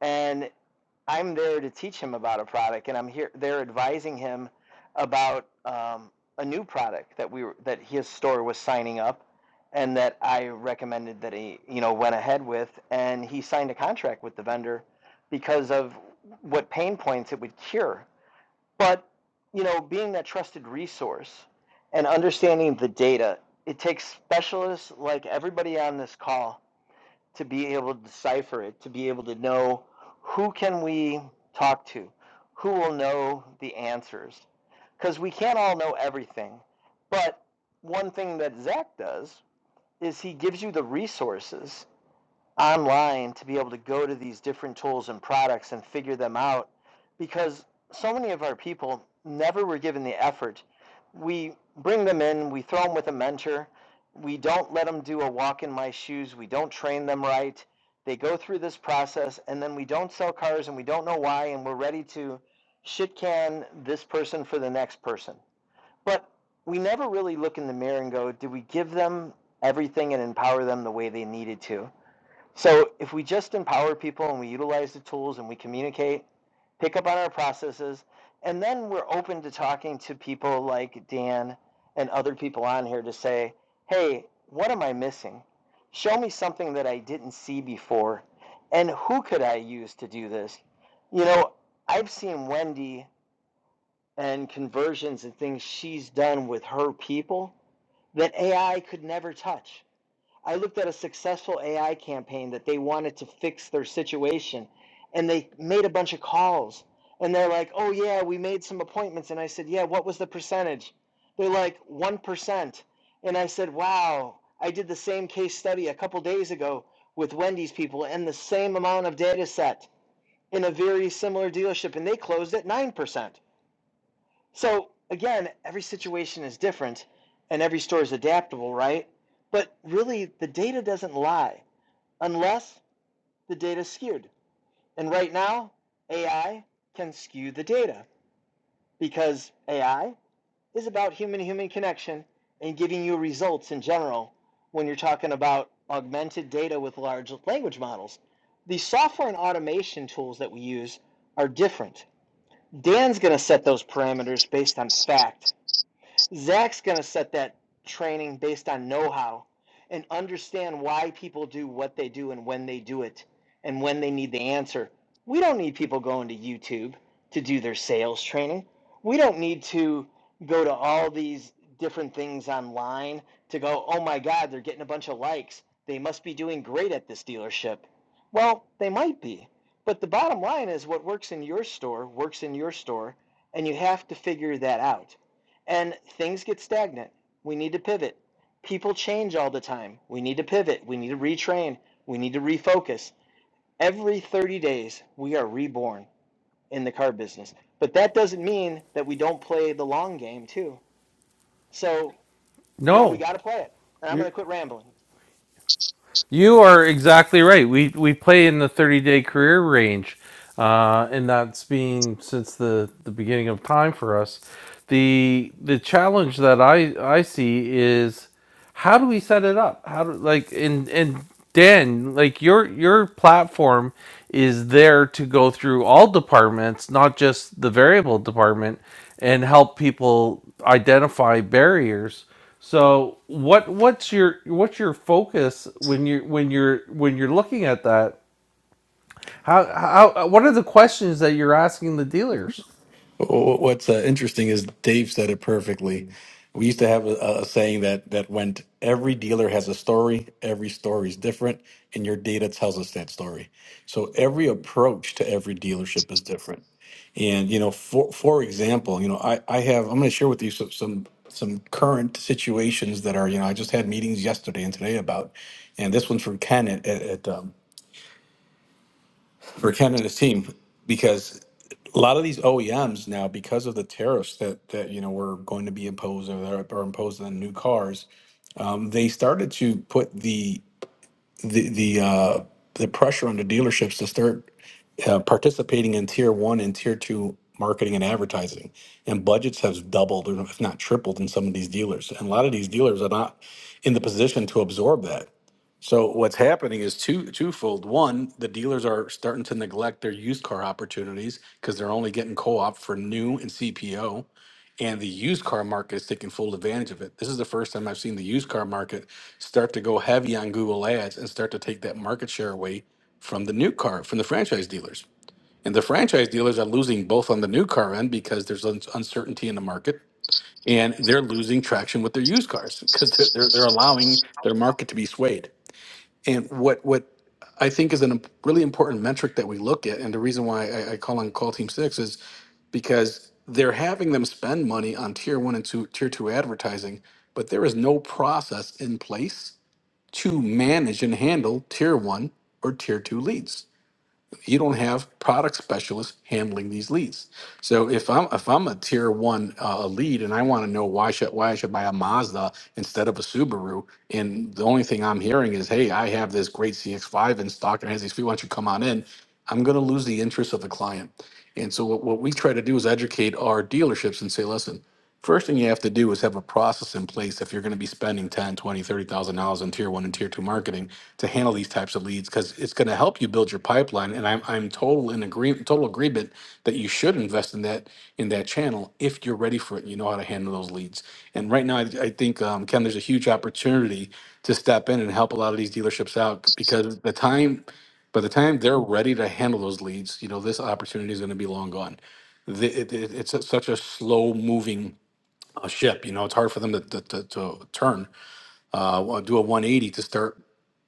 [SPEAKER 7] And I'm there to teach him about a product, and I'm here there advising him about um, a new product that we were, that his store was signing up, and that I recommended that he you know went ahead with, and he signed a contract with the vendor because of what pain points it would cure. But you know, being that trusted resource and understanding the data, it takes specialists like everybody on this call to be able to decipher it, to be able to know who can we talk to, who will know the answers, because we can't all know everything. But one thing that Zach does is he gives you the resources online to be able to go to these different tools and products and figure them out because so many of our people never were given the effort. We bring them in, we throw them with a mentor, we don't let them do a walk in my shoes, we don't train them right. They go through this process and then we don't sell cars and we don't know why and we're ready to shit can this person for the next person. But we never really look in the mirror and go, did we give them everything and empower them the way they needed to? So if we just empower people and we utilize the tools and we communicate, pick up on our processes, and then we're open to talking to people like Dan and other people on here to say, hey, what am I missing? Show me something that I didn't see before. And who could I use to do this? You know, I've seen Wendy and conversions and things she's done with her people that AI could never touch I looked at a successful AI campaign that they wanted to fix their situation and they made a bunch of calls and they're like, "Oh yeah, we made some appointments." And I said, "Yeah, what was the percentage?" They're like, "1%." And I said, "Wow, I did the same case study a couple days ago with Wendy's people and the same amount of data set in a very similar dealership and they closed at 9%." So again, every situation is different and every store is adaptable, right? But really, the data doesn't lie unless the data is skewed. And right now, AI can skew the data because AI is about human human connection and giving you results in general when you're talking about augmented data with large language models. The software and automation tools that we use are different. Dan's going to set those parameters based on fact Zach's going to set that training based on know how and understand why people do what they do and when they do it and when they need the answer. We don't need people going to YouTube to do their sales training. We don't need to go to all these different things online to go, oh my God, they're getting a bunch of likes. They must be doing great at this dealership. Well, they might be. But the bottom line is what works in your store works in your store, and you have to figure that out and things get stagnant. We need to pivot. People change all the time. We need to pivot. We need to retrain. We need to refocus. Every 30 days, we are reborn in the car business. But that doesn't mean that we don't play the long game, too. So, you know, we
[SPEAKER 1] No.
[SPEAKER 7] got to play it. And I'm going
[SPEAKER 1] you're,
[SPEAKER 7] to quit rambling.
[SPEAKER 1] You are exactly right. We we play in the 30 day career range, uh, and that's been since the, the beginning of time for us. The the challenge that I, I see is how do we set it up? How do like and and Dan, like your your platform is there to go through all departments, not just the variable department, and help people identify barriers so what what's your what's your focus when you when you're when you're looking at that? How how what are the questions that you're asking the dealers?
[SPEAKER 5] Wh- what's uh, interesting is dave said it perfectly we used to have a, a saying that that went every dealer has a story every story is different and your data tells us that story so every approach to every dealership is different and you know for for example you know i i have i'm going to share with you some, some some current situations that are you know i just had meetings yesterday and today about and this one's from ken at, at, at, um, for Ken and his team because a lot of these OEMs now, because of the tariffs that that you know were going to be imposed or that are imposed on new cars, um, they started to put the the the uh, the pressure on the dealerships to start uh, participating in tier one and tier two marketing and advertising, and budgets have doubled or if not tripled in some of these dealers, and a lot of these dealers are not in the position to absorb that so what's happening is two twofold. One, the dealers are starting to neglect their used car opportunities because they're only getting co-op for new and CPO, and the used car market is taking full advantage of it. This is the first time I've seen the used car market start to go heavy on Google Ads and start to take that market share away from the new car from the franchise dealers. And the franchise dealers are losing both on the new car end because there's un- uncertainty in the market, and they're losing traction with their used cars because they're, they're, they're allowing their market to be swayed. And what what I think is a imp- really important metric that we look at, and the reason why I, I call on Call Team Six is because they're having them spend money on tier one and two, tier two advertising, but there is no process in place to manage and handle tier one or tier two leads you don't have product specialists handling these leads. So if I'm if I'm a tier one uh, lead and I want to know why should why I should buy a Mazda instead of a Subaru, and the only thing I'm hearing is, hey, I have this great CX5 in stock and it has these feet. Why don't you come on in? I'm going to lose the interest of the client. And so what, what we try to do is educate our dealerships and say, listen, First thing you have to do is have a process in place if you're going to be spending 10, 20, 30,000 dollars on tier 1 and tier 2 marketing to handle these types of leads cuz it's going to help you build your pipeline and I'm I'm total in agree total agreement that you should invest in that in that channel if you're ready for it and you know how to handle those leads. And right now I, I think um, Ken there's a huge opportunity to step in and help a lot of these dealerships out because the time by the time they're ready to handle those leads, you know, this opportunity is going to be long gone. The, it, it, it's a, such a slow moving a ship. You know, it's hard for them to to, to, to turn, uh, well, do a 180 to start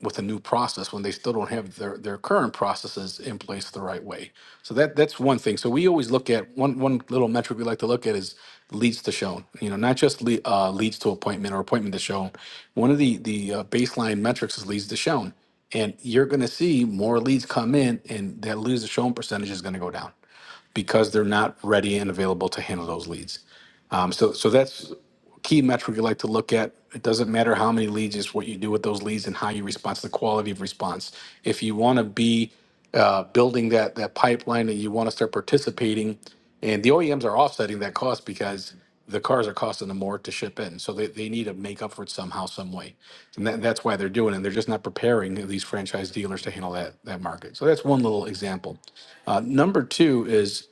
[SPEAKER 5] with a new process when they still don't have their, their current processes in place the right way. So that that's one thing. So we always look at one one little metric we like to look at is leads to shown. You know, not just le- uh, leads to appointment or appointment to shown. One of the the uh, baseline metrics is leads to shown, and you're going to see more leads come in, and that leads to shown percentage is going to go down because they're not ready and available to handle those leads. Um, so, so that's key metric you like to look at. It doesn't matter how many leads, it's what you do with those leads and how you respond to the quality of response. If you want to be uh, building that that pipeline and you want to start participating, and the OEMs are offsetting that cost because the cars are costing them more to ship in. So they, they need to make up for it somehow, some way. And that, that's why they're doing it. They're just not preparing these franchise dealers to handle that that market. So that's one little example. Uh, number two is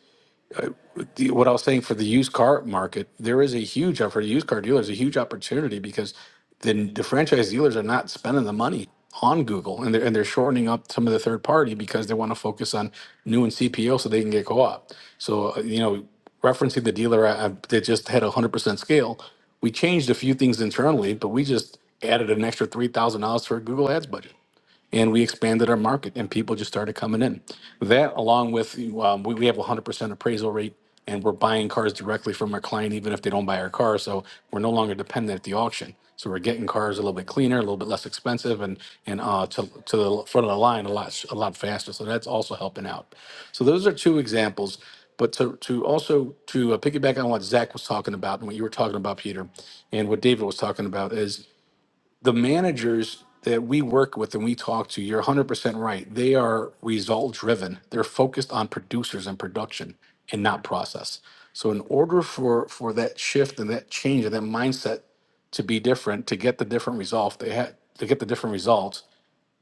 [SPEAKER 5] the- what I was saying for the used car market, there is a huge for the used car dealers, a huge opportunity because then the franchise dealers are not spending the money on Google and they're and they're shortening up some of the third party because they want to focus on new and CPO so they can get co-op. So uh, you know, referencing the dealer I, I, that just had a hundred percent scale, we changed a few things internally, but we just added an extra three thousand dollars to our Google Ads budget and we expanded our market and people just started coming in that along with um, we, we have 100% appraisal rate and we're buying cars directly from our client even if they don't buy our car so we're no longer dependent at the auction so we're getting cars a little bit cleaner a little bit less expensive and and uh, to, to the front of the line a lot a lot faster so that's also helping out so those are two examples but to, to also to uh, piggyback on what zach was talking about and what you were talking about peter and what david was talking about is the managers that we work with and we talk to, you're 100% right. They are result driven. They're focused on producers and production and not process. So in order for for that shift and that change and that mindset to be different, to get the different result, they had to get the different results,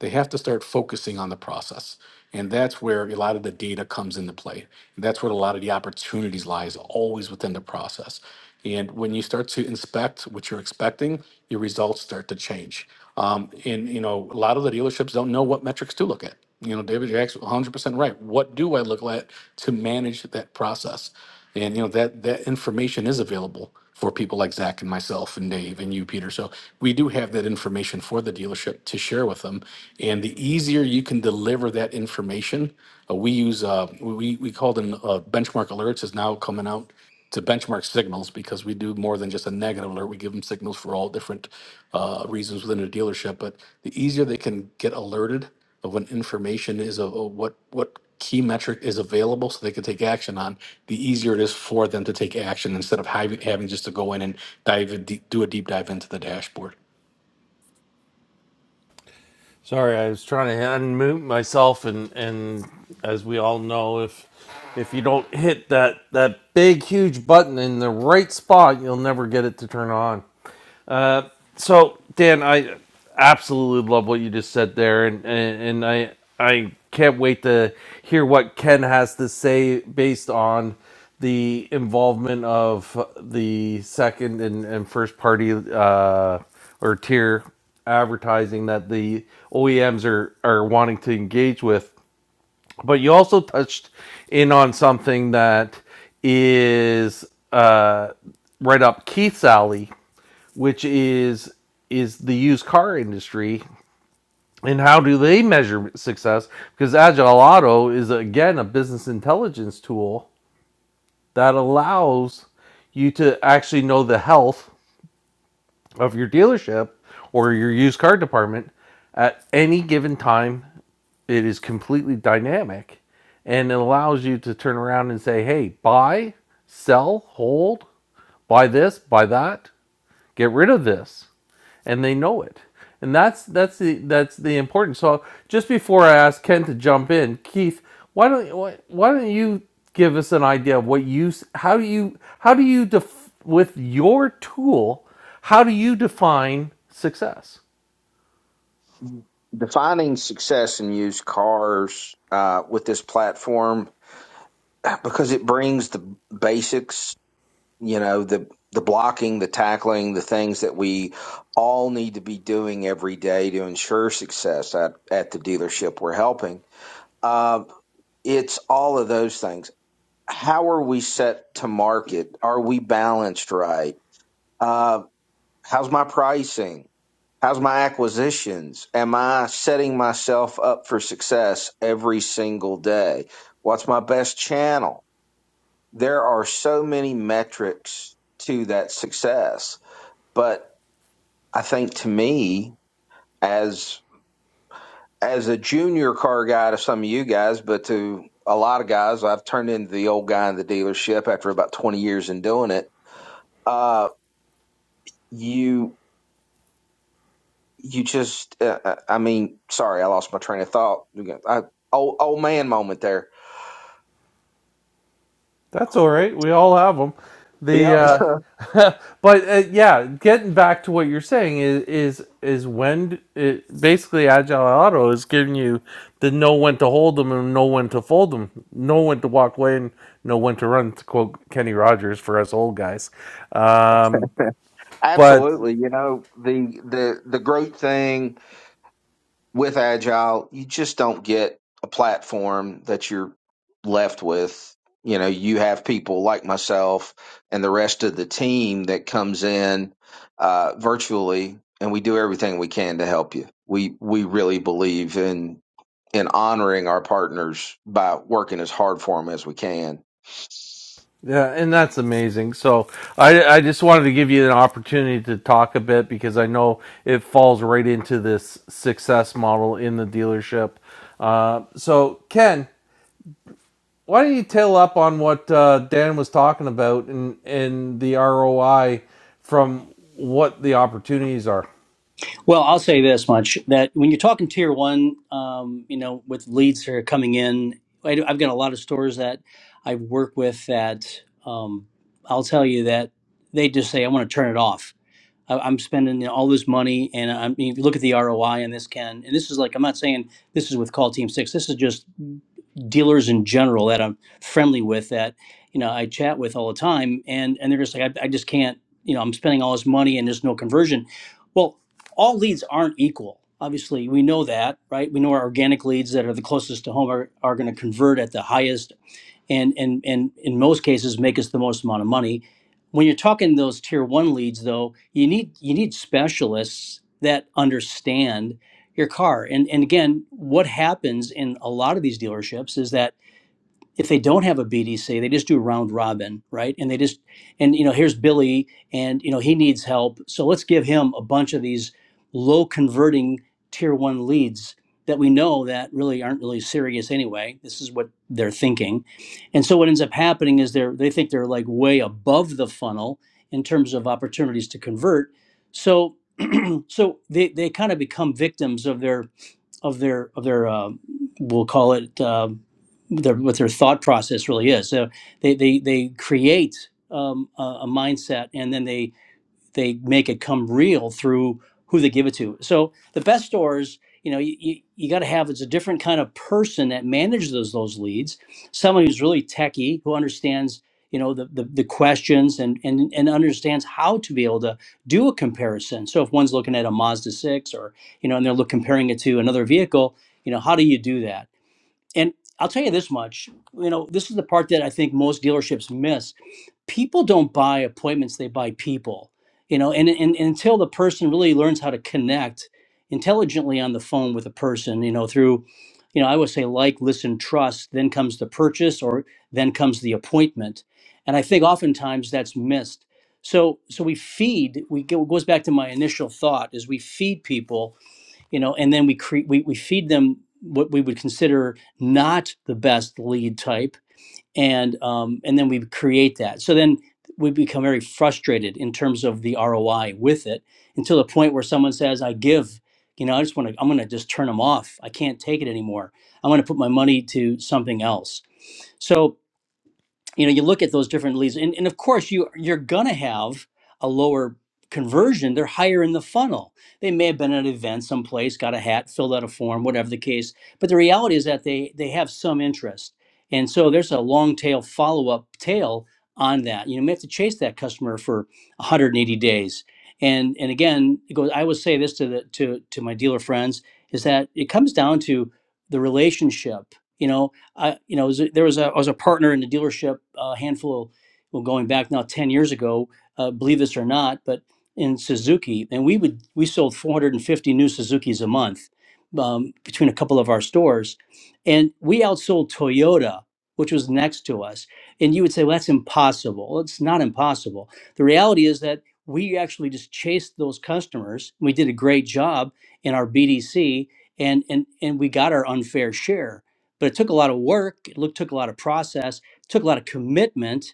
[SPEAKER 5] they have to start focusing on the process. And that's where a lot of the data comes into play. That's where a lot of the opportunities lies, always within the process. And when you start to inspect what you're expecting, your results start to change. Um, and you know, a lot of the dealerships don't know what metrics to look at. You know, David, you're actually 100% right. What do I look at to manage that process? And you know that that information is available for people like Zach and myself and Dave and you, Peter. So we do have that information for the dealership to share with them. And the easier you can deliver that information, uh, we use uh, we we call them uh, benchmark alerts is now coming out to benchmark signals because we do more than just a negative alert. We give them signals for all different uh, reasons within a dealership. But the easier they can get alerted of when information is of of what what key metric is available so they can take action on the easier it is for them to take action instead of having, having just to go in and dive in, deep- do a deep dive into the dashboard
[SPEAKER 1] Sorry, I was trying to unmute myself, and and as we all know, if if you don't hit that that big huge button in the right spot, you'll never get it to turn on. Uh, So, Dan, I absolutely love what you just said there, and and, and I I can't wait to hear what Ken has to say based on the involvement of the second and, and first party uh, or tier advertising that the OEMs are are wanting to engage with. But you also touched in on something that is uh, right up Keith's alley which is is the used car industry and how do they measure success because agile auto is again a business intelligence tool that allows you to actually know the health of your dealership or your used car department at any given time it is completely dynamic and it allows you to turn around and say hey buy sell hold buy this buy that Get rid of this. And they know it. And that's that's the that's the important. So just before I ask Ken to jump in, Keith, why don't why, why don't you give us an idea of what you how do you how do you def, with your tool, how do you define success?
[SPEAKER 2] Defining success in used cars uh, with this platform because it brings the basics you know the the blocking the tackling the things that we all need to be doing every day to ensure success at, at the dealership we're helping uh, it's all of those things how are we set to market are we balanced right uh, how's my pricing how's my acquisitions am i setting myself up for success every single day what's my best channel there are so many metrics to that success but I think to me, as as a junior car guy to some of you guys, but to a lot of guys, I've turned into the old guy in the dealership after about twenty years in doing it. Uh, you you just, uh, uh, I mean, sorry, I lost my train of thought. I, old old man moment there.
[SPEAKER 1] That's all right. We all have them. The
[SPEAKER 2] Yep,
[SPEAKER 1] uh, but uh, yeah, getting back to what you're saying is is is when it, basically agile auto is giving you the know when to hold them and know when to fold them, know when to walk away and know when to run. To quote Kenny Rogers for us old guys, um, but
[SPEAKER 2] absolutely. You know the the the great thing with agile you just don't get a platform that you're left with you know you have people like myself and the rest of the team that comes in uh, virtually and we do everything we can to help you we we really believe in in honoring our partners by working as hard for them as we can
[SPEAKER 1] Yeah, and that's amazing. So I, I just wanted to give you an opportunity to talk a bit because I know it falls right into this success model in the dealership. Uh, so Ken, why don't you tail up on what uh, Dan was talking about and and the ROI from what the opportunities are?
[SPEAKER 6] Well, I'll say this much that when you're talking tier one, um, you know, with leads that are coming in, I do, I've got a lot of stores that I work with that um, I'll tell you that they just say, I want to turn it off. I, I'm spending you know, all this money and I mean, look at the ROI on this, Ken. And this is like, I'm not saying this is with Call Team Six. This is just dealers in general that I'm friendly with that you know I chat with all the time, and and they're just like I, I just can't you know I'm spending all this money and there's no conversion. Well, all leads aren't equal. Obviously, we know that, right? We know our organic leads that are the closest to home are, are going to convert at the highest and and and in most cases make us the most amount of money. When you're talking those tier one leads, though, you need you need specialists that understand your car. And and again, what happens in a lot of these dealerships is that if they don't have a BDC, they just do round robin, right? And they just and you know here's Billy, and you know he needs help, so let's give him a bunch of these low converting tier one leads that we know that really aren't really serious anyway. This is what they're thinking, and so what ends up happening is they're they think they're like way above the funnel in terms of opportunities to convert. So so they they kind of become victims of their of their of their um we'll call it um their, what their thought process really is. So they they they create um, a, a mindset, and then they they make it come real through who they give it to. So the best stores, you know, you, you, you got to have it's a different kind of person that manages those those leads. Someone who's really techie, who understands, you know, the the, the questions and and and understands how to be able to do a comparison. So if one's looking at a Mazda six or you know, and they're look, comparing it to another vehicle, you know, how do you do that? And I'll tell you this much, you know, this is the part that I think most dealerships miss people don't buy appointments they buy people you know and, and, and until the person really learns how to connect intelligently on the phone with a person you know through you know i would say like listen trust then comes the purchase or then comes the appointment and i think oftentimes that's missed so so we feed we go, it goes back to my initial thought is we feed people you know and then we create we, we feed them what we would consider not the best lead type and um, and then we create that. So then we become very frustrated in terms of the ROI with it, until the point where someone says, "I give," you know, I just want to, I'm going to just turn them off. I can't take it anymore. I want to put my money to something else. So you know you look at those different leads and, and of course you you're gonna have a lower conversion they're higher in the funnel they may have been at an event someplace got a hat filled out a form whatever the case but the reality is that they they have some interest and so there's a long tail follow-up tail on that you know you may have to chase that customer for 180 days and and again it goes i would say this to the to to my dealer friends is that it comes down to the relationship you know I, you know, was a- there was a, I was a partner in the dealership a handful of, well, going back now 10 years ago, uh, believe this or not, but in Suzuki, and we would, we sold 450 new Suzukis a month um, between a couple of our stores. And we outsold Toyota, which was next to us. And you would say, well, that's impossible. Well, It's not impossible. The reality is that we actually just chased those customers. We did a great job in our BDC and, and, and we got our unfair share but it took a lot of work it look, took a lot of process took a lot of commitment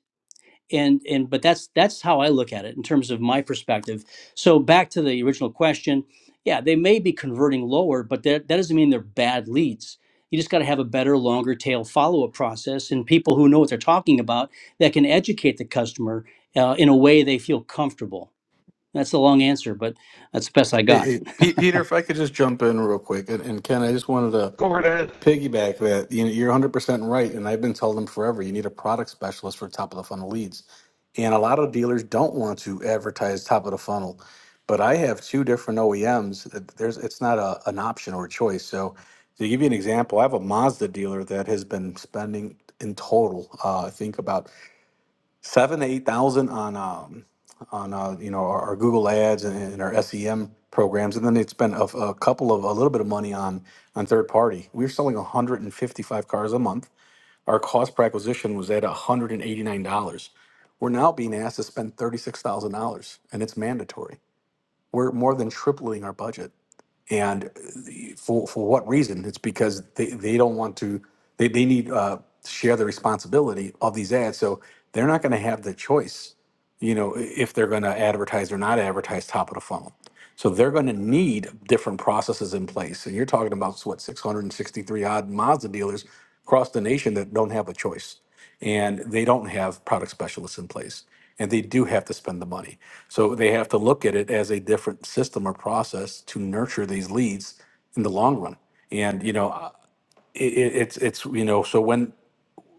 [SPEAKER 6] and and but that's that's how i look at it in terms of my perspective so back to the original question yeah they may be converting lower but that, that doesn't mean they're bad leads you just got to have a better longer tail follow-up process and people who know what they're talking about that can educate the customer uh, in a way they feel comfortable that's a long answer but that's the best i
[SPEAKER 5] Hey,
[SPEAKER 6] got
[SPEAKER 5] hey, Pe- Peter, if I could just jump in real quick, and, and Ken, I just wanted to
[SPEAKER 1] Go
[SPEAKER 5] piggyback that you know, you're 100% right and i've been telling them forever you need a product specialist for top of the funnel leads and a lot of dealers don't want to advertise top of the funnel but i have two different oems that there's it's not a, an option or a choice so to give you an example i have a mazda dealer that has been spending in total uh, i think about seven to eight thousand on um, on uh, you know our, our Google ads and, and our SEM programs, and then they spend a, a couple of a little bit of money on on third party. We were selling 155 cars a month. Our cost per acquisition was at 189 dollars. We're now being asked to spend thirty six thousand dollars, and it's mandatory. We're more than tripling our budget, and the- for for what reason? It's because they, they don't want to. They they need uh, to share the responsibility of these ads, so they're not going to have the choice you know, if they're going to advertise or not advertise top of the funnel. So they're going to need different processes in place. And you're talking about what 663 odd Mazda dealers across the nation that don't have a choice, and they don't have product specialists in place, and they do have to spend the money. So they have to look at it as a different system or process to nurture these leads in the long run. And you know, uh, it, it, it's it's you know, so when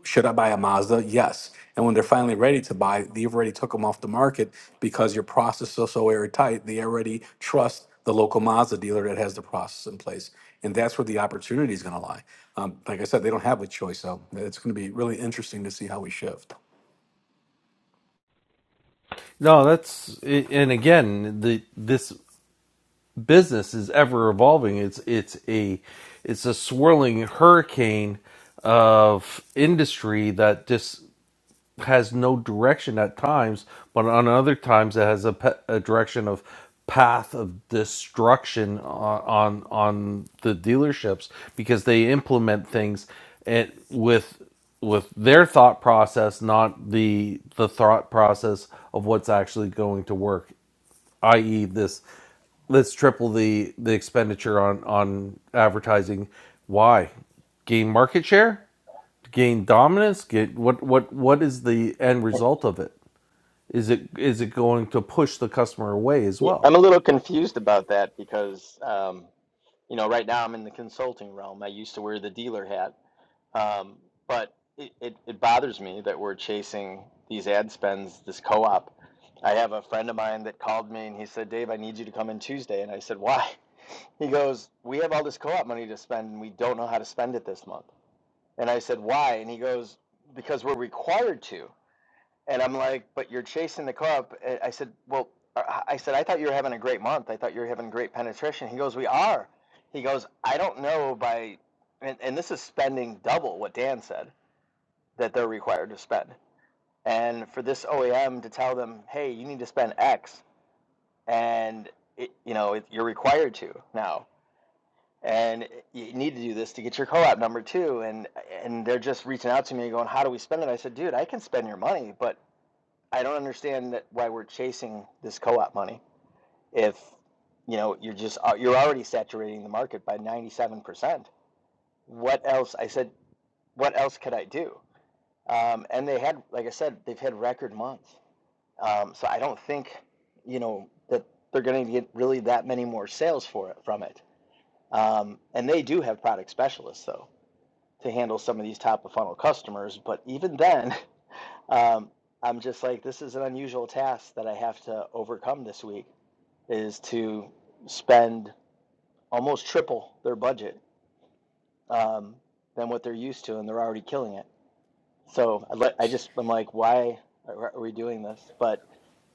[SPEAKER 5] should I buy a Mazda? Yes. And when they're finally ready to buy, you've already took them off the market because your process is so airtight. They already trust the local Mazda dealer that has the process in place, and that's where the opportunity is going to lie. Um, like I said, they don't have a choice, so it's going to be really interesting to see how we shift.
[SPEAKER 1] No, that's and again the this business is ever evolving. It's it's a it's a swirling hurricane of industry that just has no direction at times, but on other times it has a, pe- a direction of path of destruction on, on on the dealerships because they implement things and with with their thought process, not the the thought process of what's actually going to work i.e. this let's triple the the expenditure on on advertising why gain market share gain dominance get what what what is the end result of it is it is it going to push the customer away as
[SPEAKER 7] Yeah, I'm
[SPEAKER 1] well
[SPEAKER 7] a little confused about that because, um, you know, right now I'm in the consulting realm. I used to wear the dealer hat. Um, but it, it, it bothers me that we're chasing these ad spends, this co op. I have a friend of mine that called me and he said, Dave, I need you to come in Tuesday. And I said, Why? He goes, We have all this co op money to spend and we don't know how to spend it this month. And I said, Why? And he goes, Because we're required to. And I'm like, But you're chasing the co op. I said, Well, I I said, I thought you were having a great month. I thought you were having great penetration. He goes, We are. He goes, I don't know by, and, and this is spending double what Dan said that they're required to spend. And for this OEM to tell them, hey, you need to spend X, and it, you know it, you're required to now, and you need to do this to get your co-op number too. And and they're just reaching out to me going, how do we spend it? I said, dude, I can spend your money, but I don't understand that why we're chasing this co-op money if you know you're just uh, you're already saturating the market by 97%. What else? I said, what else could I do? Um, and they had, like I said, they've had record months Um, so I don't think, you know, that they're going to get really that many more sales for it from it. Um, and they do have product specialists though to handle some of these top of funnel customers. But even then, um, I'm just like, this is an unusual task that I have to overcome this week is to spend almost triple their budget um, than what they're used to, and they're already killing it. So I, I just I'm like, why are we doing this? But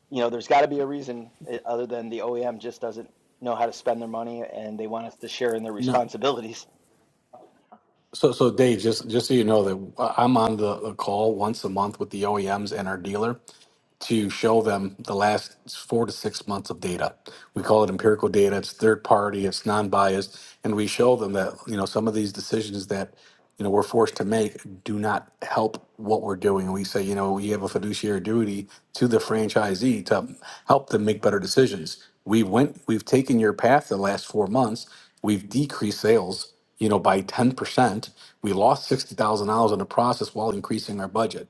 [SPEAKER 7] you know, there's got to be a reason eh, other than the OEM just doesn't know how to spend their money and they want us to share in their
[SPEAKER 5] No.
[SPEAKER 7] responsibilities.
[SPEAKER 5] So, so Dave, just just so you know that I'm on the, the call once a month with the OEMs and our dealer. to show them the last four to six months of data. We call it empirical data. It's third party. It's non-biased, and we show them that you know some of these decisions that you know we're forced to make do not help what we're doing. And we say you know we have a fiduciary duty to the franchisee to help them make better decisions. We went. We've taken your path the last four months. We've decreased sales you know, by 10%. We lost $60,000 in the process while increasing our budget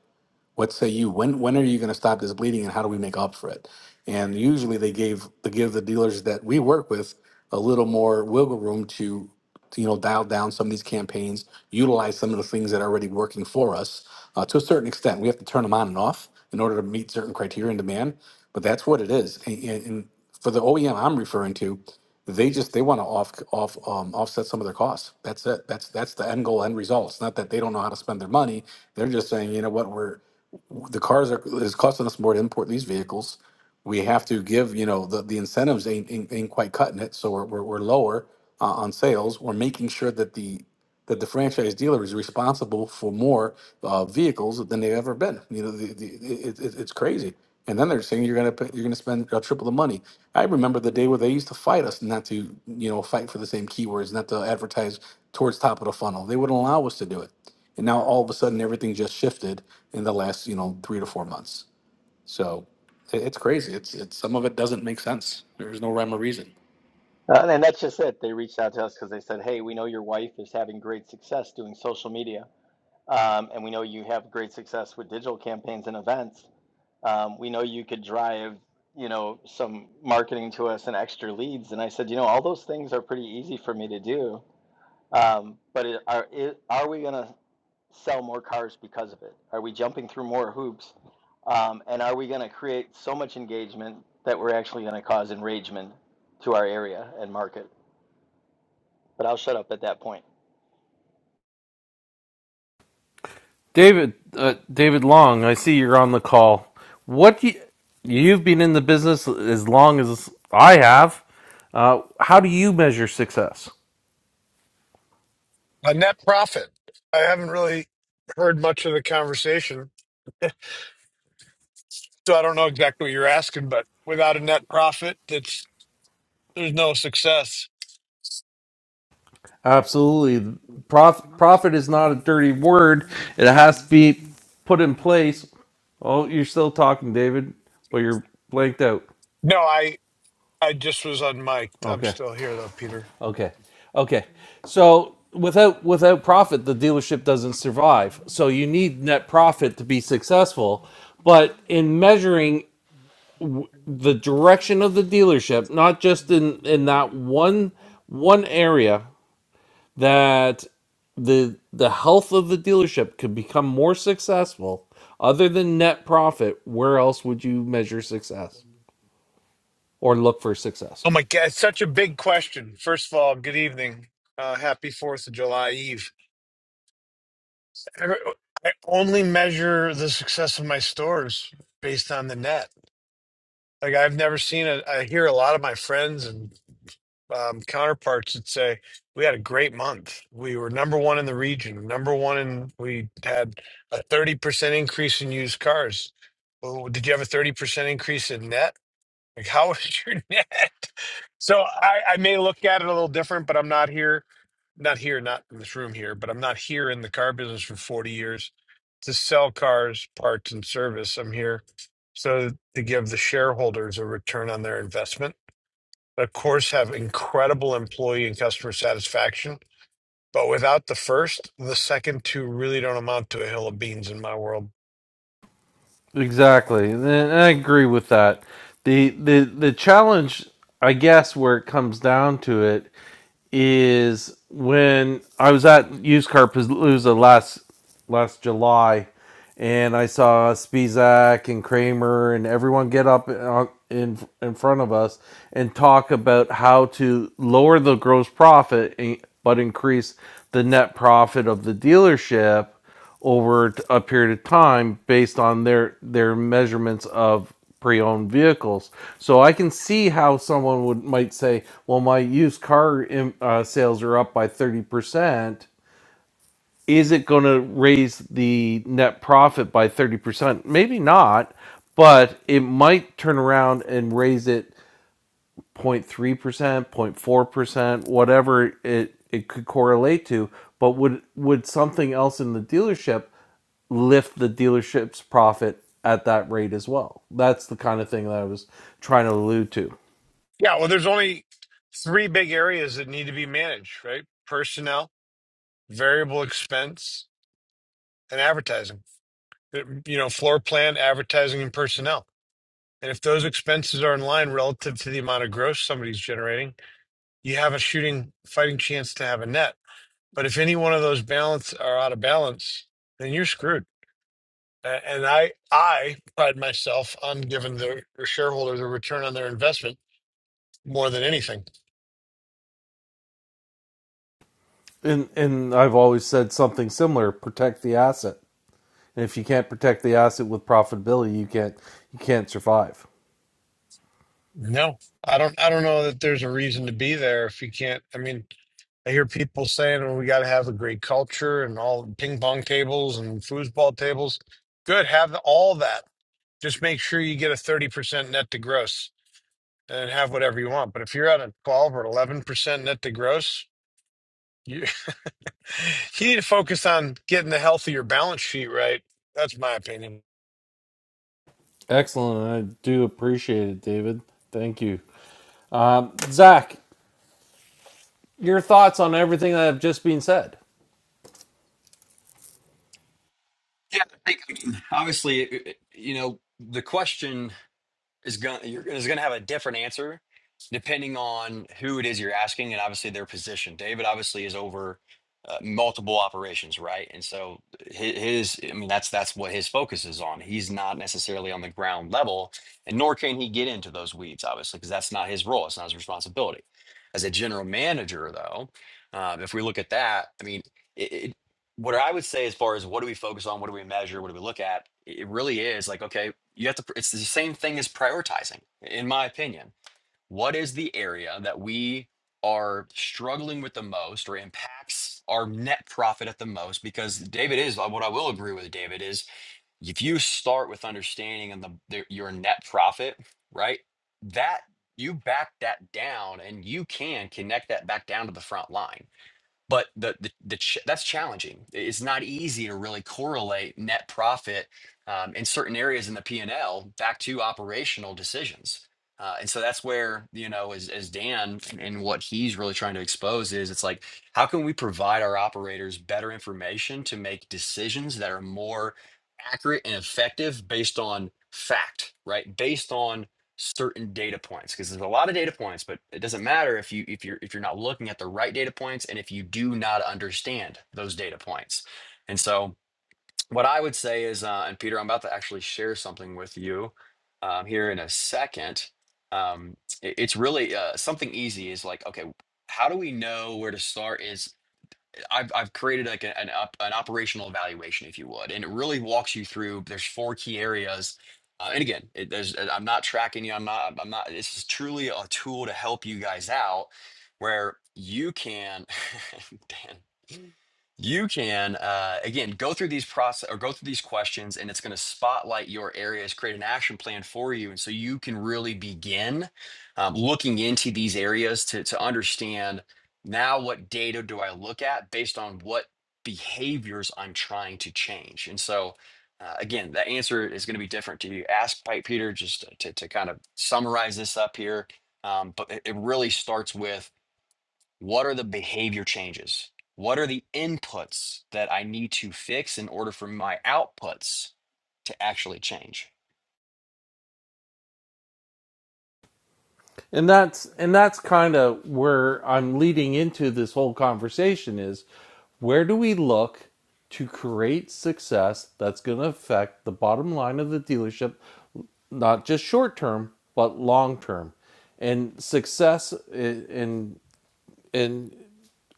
[SPEAKER 5] what say you when when are you going to stop this bleeding and how do we make up for it and usually they gave they give the dealers that we work with a little more wiggle room to, to, you know dial down some of these campaigns utilize some of the things that are already working for us uh, to a certain extent we have to turn them on and off in order to meet certain criteria and demand but that's what it is and, and, and for the OEM I'm referring to they just they want to off off um, offset some of their costs that's it that's that's the end goal end result it's not that they don't know how to spend their money they're just saying you know what we're the cars are is costing us more to import these vehicles. We have to give, you know, the, the incentives ain't, ain't ain't quite cutting it, so we're we're, we're lower uh, on sales. We're making sure that the that the franchise dealer is responsible for more uh, vehicles than they've ever been. You know, the, the, it, it, it's crazy. And then they're saying you're gonna pay, you're gonna spend uh, triple the money. I remember the day where they used to fight us not to, you know, fight for the same keywords, not to advertise towards top of the funnel. They wouldn't allow us to do it and now all of a sudden everything just shifted in the last you know three to four months so i- it's crazy it's it's some of it doesn't make sense there's no rhyme or reason
[SPEAKER 7] Uh, and that's just it. They reached out to us because they said, hey, we know your wife is having great success doing social media. Um, and we know you have great success with digital campaigns and events. Um, we know you could drive, you know, some marketing to us and extra leads. And I said, you know, all those things are pretty easy for me to do. Um, but it, are it, are we going to sell more cars because of it? Are we jumping through more hoops? Um, and are we going to create so much engagement that we're actually going to cause enragement to our area and market? But I'll shut up at that point.
[SPEAKER 1] david uh, david long i see you're on the call what do you, you've been in the business as long as i have uh, how do you measure success
[SPEAKER 8] A net profit. I haven't really heard much of the conversation, so I don't know exactly what you're asking, but without a net profit, it's there's no success.
[SPEAKER 1] Absolutely. Prof, profit is not a dirty word. It has to be put in place. Oh, you're still talking, David, but you're blanked out.
[SPEAKER 8] No, I I just was unmiked. I'm
[SPEAKER 1] Okay.
[SPEAKER 8] still here though, Peter.
[SPEAKER 1] Okay. Okay. So without without profit, the dealership doesn't survive. So you need net profit to be successful. But in measuring the direction of the dealership, not just in in that one one area that the the health of the dealership could become more successful other than net profit where else would you measure success or look for success
[SPEAKER 8] Oh my god, it's such a big question. First of all, good evening. Uh, happy Fourth of July Eve. I, I only measure the success of my stores based on the net. Like I've never seen it. I hear a lot of my friends and um, counterparts that say we had a great month. We were number one in the region, number one in. We had a thirty percent increase in used cars. Well, did you have a thirty percent increase in net? Like, how was your net? So I, I may look at it a little different, but I'm not here, not here, not in this room here, but I'm not here in the car business for forty years to sell cars, parts, and service. I'm here so to give the shareholders a return on their investment of course, have incredible employee and customer satisfaction. But without the first, the second two really don't amount to a hill of beans in my world.
[SPEAKER 1] Exactly, and I agree with that. the the The challenge, I guess, where it comes down to it, is when I was at Used Car Palooza last last July, and I saw Spizak and Kramer and everyone get up on- in in front of us and talk about how to lower the gross profit, eh, but increase the net profit of the dealership over a period of time based on their their measurements of pre-owned vehicles. So I can see how someone would might say, "Well, my used car um, uh, sales are up by thirty percent. Is it going to raise the net profit by thirty percent? Maybe not, but it might turn around and raise it." 0.3%, 0.4%, whatever it, it could correlate to, but would would something else in the dealership lift the dealership's profit at that rate as well? That's the kind of thing that I was trying to allude to.
[SPEAKER 8] Yeah, well, there's only three big areas that need to be managed, right? Personnel, variable expense, and advertising. You know, floor plan, advertising, and personnel. And if those expenses are in line relative to the amount of growth somebody's generating, you have a shooting fighting chance to have a net. But if any one of those balance are out of balance, then you're screwed A- And I I pride myself on giving the shareholder the return on their investment more than anything.
[SPEAKER 1] And and I've always said something similar, protect the asset. And if you can't protect the asset with profitability, you can't you can't survive.
[SPEAKER 8] No, I don't I don't know that there's a reason to be there if you can't. I mean, I hear people saying, "Well, we got to have a great culture and all the ping pong tables and foosball tables." Good, have all that. Just make sure you get a thirty percent net to gross and have whatever you want. But if you're at a twelve or eleven percent net to gross, you. You need to focus on getting the healthier balance sheet right. That's my opinion.
[SPEAKER 1] Excellent. I do appreciate it, David. Thank you. Zach, your thoughts on everything that have just been said.
[SPEAKER 4] Yeah, I think, I mean, obviously, it- it- you know, the question is going you're is going to have a different answer depending on who it is you're asking and obviously their position. David obviously is over uh, multiple operations, right? And so hi- his I mean that's that's what his focus is on. He's not necessarily on the ground level and nor can he get into those weeds obviously because that's not his role, it's not his responsibility. As a general manager though, um, if we look at that, I mean it, it what I would say as far as what do we focus on, what do we measure, what do we look at, it really is like, okay, you have to it's the same thing as prioritizing in my opinion what is the area that we are struggling with the most or impacts our net profit at the most because david is what i will agree with david is if you start with understanding and the, the your net profit right that you back that down and you can connect that back down to the front line but the, the the ch- that's challenging. I- It's not easy to really correlate net profit um, in certain areas in the P and L back to operational decisions. Uh, and so that's where you know, as as Dan and and what he's really trying to expose is, it's like how can we provide our operators better information to make decisions that are more accurate and effective based on fact, right? Based on certain data points because there's a lot of data points but it doesn't matter if you if you're if you're not looking at the right data points and if you do not understand those data points and so what i would say is uh, and peter i'm about to actually share something with you um, here in a second um, it- it's really uh, something easy is like okay how do we know where to start is I've I've created like a- an up, an operational evaluation, if you would, and it really walks you through. There's four key areas, uh, and again, it, there's uh, I'm not tracking you. I'm not I'm not. This is truly a tool to help you guys out, where you can, Dan. You can uh, again go through these process or go through these questions, and it's going to spotlight your areas, create an action plan for you, and so you can really begin um, looking into these areas to to understand now what data do I look at based on what behaviors I'm trying to change, and so. Uh, again, the answer is going to be different to you. Ask Pipe Peter just to, to kind of summarize this up here. Um, but it it really starts with what are the behavior changes? What are the inputs that I need to fix in order for my outputs to actually change?
[SPEAKER 1] And that's and that's kind of where I'm leading into this whole conversation is where do we look to create success that's going to affect the bottom line of the dealership not just short term but long term. And success i- in in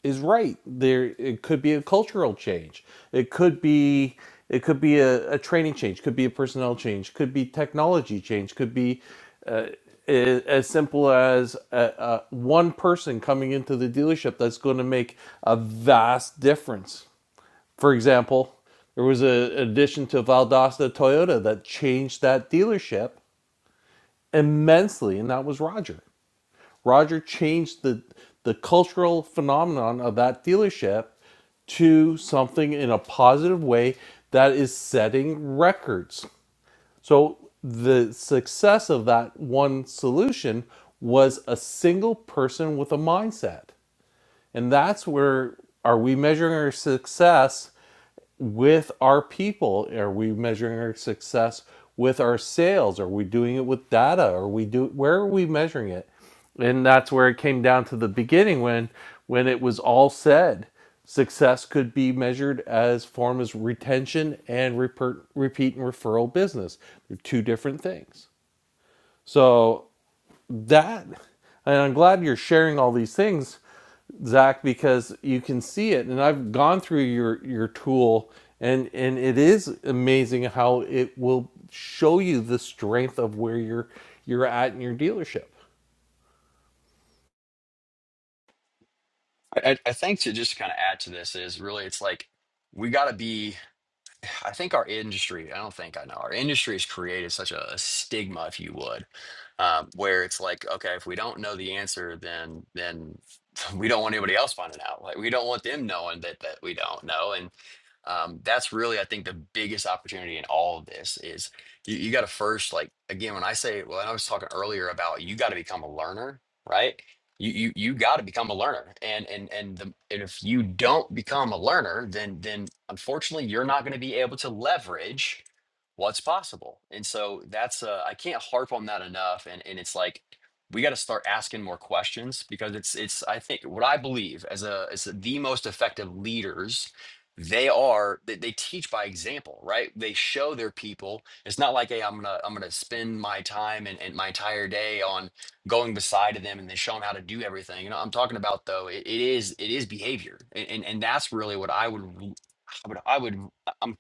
[SPEAKER 1] is right. There, it could be a cultural change. It could be it could be a, a training change. Could be a personnel change. Could be technology change. Could be uh, a- as simple as uh uh one person coming into the dealership that's going to make a vast difference. For example, there was a an addition to Valdosta Toyota that changed that dealership immensely, and that was Roger. Roger changed the the cultural phenomenon of that dealership to something in a positive way that is setting records. So the success of that one solution was a single person with a mindset. And that's where are we measuring our success with our people? Are we measuring our success with our sales? Are we doing it with data? Are we do where are we measuring it? And that's where it came down to the beginning when when it was all said. Success could be measured as form as retention and reper- repeat and referral business. They're two different things. So that, and I'm glad you're sharing all these things Zach, because you can see it, and I've gone through your your tool, and and it is amazing how it will show you the strength of where you're you're at in your dealership.
[SPEAKER 4] I, I I think to just kind of add to this is really it's like we got to be I think our industry, I don't think I know, our industry has created such a, a stigma, if you would, um, where it's like, okay, if we don't know the answer, then then we don't want anybody else finding out. Like we don't want them knowing that that we don't know. And um, that's really, I think, the biggest opportunity in all of this is you, you got to first, like, again, when I say, well, I was talking earlier about you got to become a learner, right? you you you got to become a learner and and and the and if you don't become a learner then then unfortunately you're not going to be able to leverage what's possible and so that's uh i can't harp on that enough and and it's like we got to start asking more questions because it's it's i think what i believe as a as the most effective leaders they are they, they teach by example right they show their people it's not like hey i'm gonna i'm gonna spend my time and, and my entire day on going beside of them and they show them how to do everything. You know, I'm talking about though, it, it is it is behavior, and, and and that's really what I would, I would I would I'm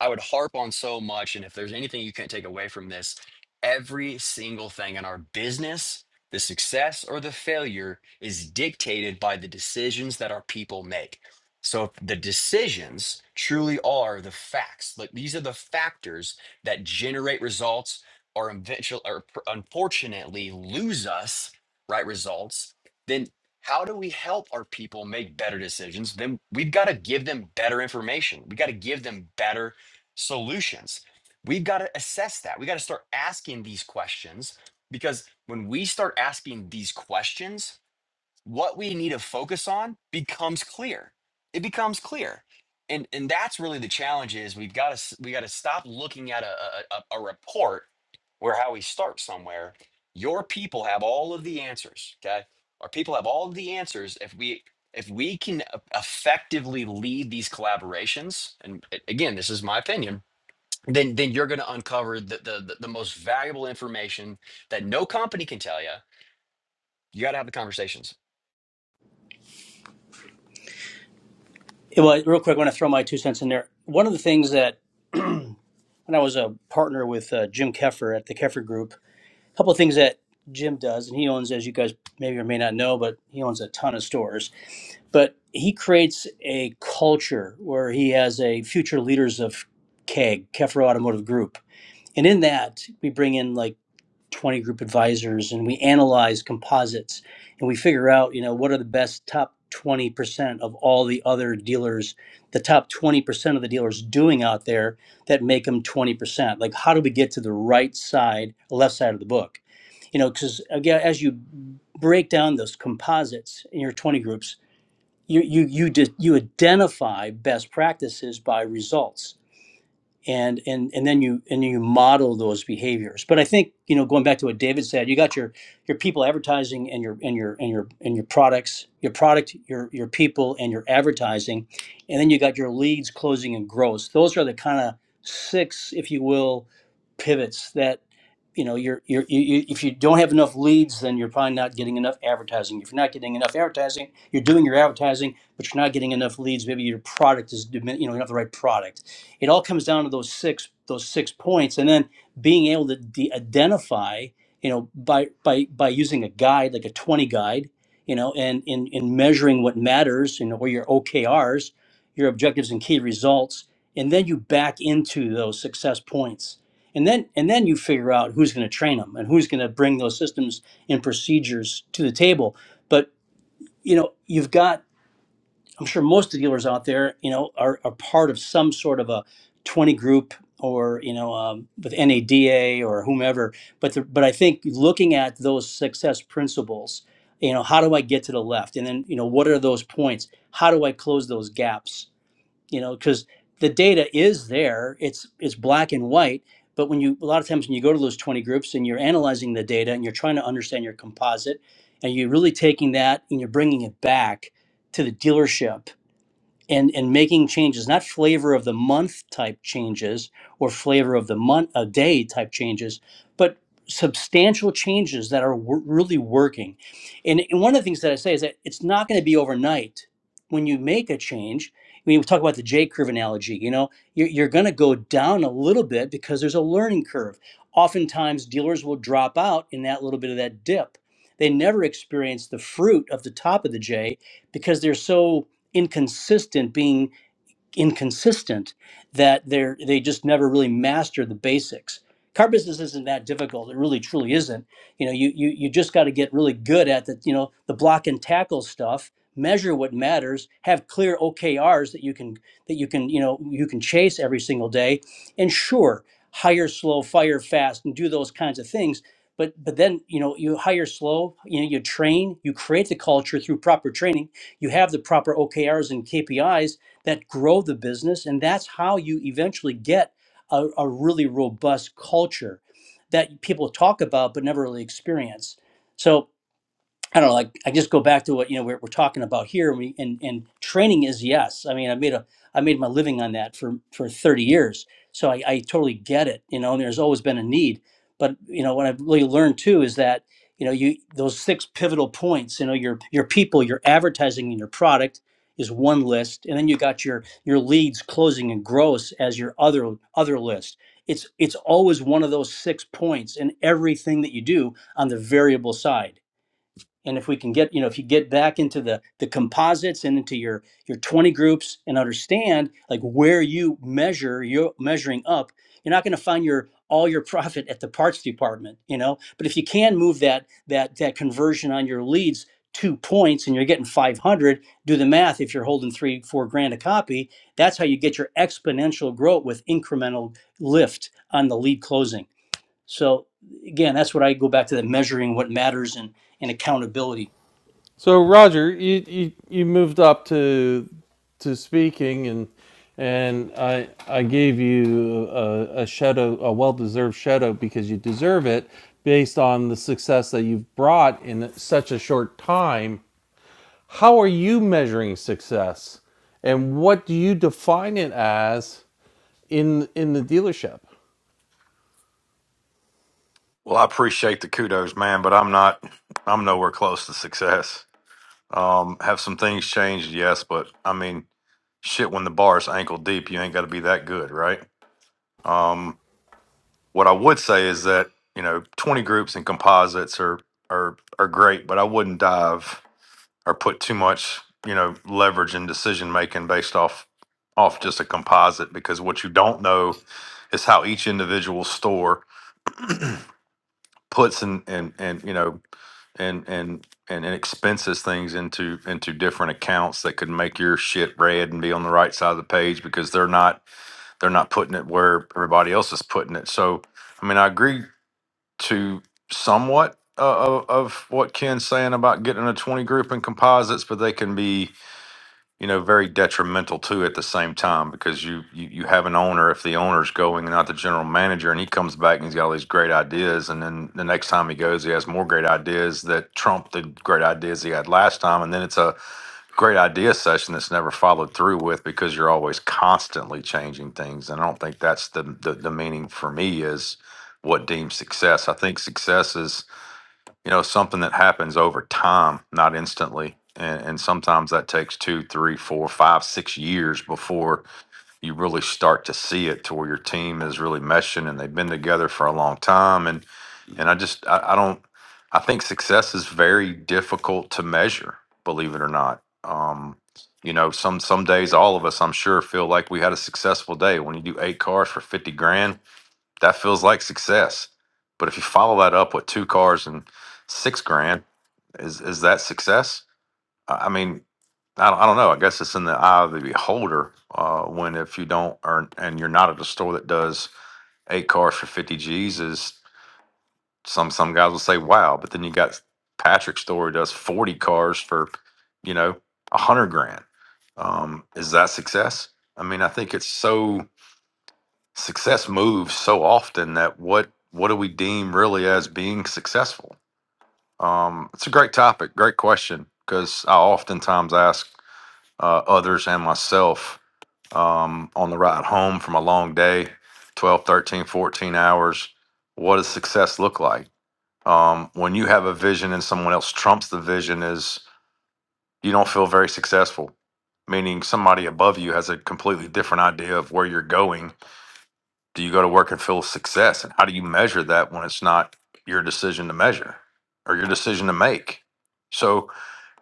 [SPEAKER 4] I would harp on so much. And if there's anything you can not take away from this, every single thing in our business, the success or the failure is dictated by the decisions that our people make. So if the decisions truly are the facts. Like these are the factors that generate results or eventually or pr- unfortunately lose us, right? Results, then how do we help our people make better decisions? Then we've got to give them better information. We got to give them better solutions. We've got to assess that. We got to start asking these questions because when we start asking these questions, what we need to focus on becomes clear. It becomes clear. And, and that's really the challenge is we've got to we got to stop looking at a, a, a a report where how we start somewhere your people have all of the answers okay our people have all of the answers if we if we can e- effectively lead these collaborations and a- again this is my opinion then then you're going to uncover the, the the the most valuable information that no company can tell you. You got to have the conversations.
[SPEAKER 6] well real quick i want to throw my two cents in there one of the things that when I was a partner with uh, Jim Keffer at the Keffer Group, a couple of things that Jim does, and he owns, as you guys maybe or may not know, but he owns a ton of stores. But he creates a culture where he has a future leaders of KEG, Keffer Automotive Group. And in that, we bring in like 20 group advisors and we analyze composites and we figure out you know what are the best top 20% of all the other dealers the top 20% of the dealers doing out there that make them 20% like how do we get to the right side left side of the book you know because again as you break down those composites in your 20 groups you you you, di- you identify best practices by results and and and then you and you model those behaviors but i think you know going back to what david said you got your your people advertising and your and your and your and your products your product your your people and your advertising and then you got your leads closing and gross those are the kind of six if you will pivots that you know you're, you're you, you if you don't have enough leads then you're probably not getting enough advertising if you're not getting enough advertising you're doing your advertising but you're not getting enough leads maybe your product is dimin- you know you don't have the right product it all comes down to those six those six points and then being able to de- identify you know by by by using a guide like a 20 guide you know and in in measuring what matters you know or your okrs your objectives and key results and then you back into those success points and then and then you figure out who's going to train them and who's going to bring those systems and procedures to the table but you know you've got I'm sure most of the dealers out there, you know, are, are part of some sort of a 20 group or you know um, with NADA or whomever. But the, but I think looking at those success principles, you know, how do I get to the left? And then you know, what are those points? How do I close those gaps? You know, because the data is there. It's it's black and white. But when you a lot of times when you go to those 20 groups and you're analyzing the data and you're trying to understand your composite, and you're really taking that and you're bringing it back to the dealership and and making changes not flavor of the month type changes or flavor of the month a day type changes but substantial changes that are w- really working and, and one of the things that i say is that it's not going to be overnight when you make a change I mean, we talk about the J curve analogy. You know, you're, you're going to go down a little bit because there's a learning curve. Oftentimes, dealers will drop out in that little bit of that dip. They never experience the fruit of the top of the J because they're so inconsistent being inconsistent that they're they just never really master the basics. Car business isn't that difficult. It really truly isn't. You know, you you you just got to get really good at the you know the block and tackle stuff. Measure what matters. Have clear OKRs that you can that you can you know you can chase every single day. And sure, hire slow, fire fast, and do those kinds of things. But but then you know you hire slow. You know you train. You create the culture through proper training. You have the proper OKRs and KPIs that grow the business. And that's how you eventually get a, a really robust culture that people talk about but never really experience. So I don't know, like I just go back to what you know we're, we're talking about here. And, we, and and training is yes. I mean, I made a I made my living on that for for thirty years, so I, I totally get it. You know, and there's always been a need. But you know, what I've really learned too is that you know you those six pivotal points. You know, your your people, your advertising, and your product is one list, and then you got your your leads, closing, and gross as your other other list. It's it's always one of those six points in everything that you do on the variable side and if we can get you know if you get back into the the composites and into your your 20 groups and understand like where you measure you're measuring up you're not going to find your all your profit at the parts department you know but if you can move that that that conversion on your leads two points and you're getting 500 do the math if you're holding three four grand a copy that's how you get your exponential growth with incremental lift on the lead closing so again, that's what I go back to the measuring what matters and, and accountability.
[SPEAKER 1] So Roger, you you, you moved up to to speaking, and and I I gave you a, a shadow, a well deserved shadow because you deserve it based on the success that you've brought in such a short time How are you measuring success? And what do you define it as in in the dealership?
[SPEAKER 9] Well, I appreciate the kudos, man, but I'm not, I'm nowhere close to success. Um, have some things changed, yes, but I mean, shit, when the bar is ankle deep, you ain't got to be that good, right? Um, what I would say is that you know, 20 groups and composites are are are great, but I wouldn't dive or put too much, you know, leverage in decision making based off off just a composite because what you don't know is how each individual store puts and and and you know and and and it expenses things into into different accounts that could make your shit red and be on the right side of the page because they're not they're not putting it where everybody else is putting it. So, I mean, I agree to somewhat uh, of, of what Ken's saying about getting a twenty group in composites, but they can be you know very detrimental too at the same time because you, you you have an owner if the owner's going and not the general manager and he comes back and he's got all these great ideas and then the next time he goes he has more great ideas that trump the great ideas he had last time and then it's a great idea session that's never followed through with because you're always constantly changing things and i don't think that's the the, the meaning for me is what deems success i think success is you know something that happens over time not instantly and, and sometimes that takes two three four five six years before you really start to see it to where your team is really meshing and they've been together for a long time and and i just i, I don't i think success is very difficult to measure believe it or not um you know some some days all of us i'm sure feel like we had a successful day when you do eight cars for 50 grand that feels like success. But if you follow that up with two cars and six grand, is is that success? I I mean, I don't, I don't know. I guess it's in the eye of the beholder. Uh, when if you don't earn and you're not at a store that does eight cars for fifty G's, is some some guys will say wow, but then you got Patrick's store who does forty cars for you know a hundred grand. Um, is that success? I mean, I think it's so success moves so often that what what do we deem really as being successful? Um, it's a great topic, great question, because I oftentimes ask uh, others and myself um, on the ride home from a long day, 12, 13, 14 hours, what does success look like? Um, when you have a vision and someone else trumps the vision is you don't feel very successful, meaning somebody above you has a completely different idea of where you're going do you go to work and feel success? And how do you measure that when it's not your decision to measure or your decision to make? So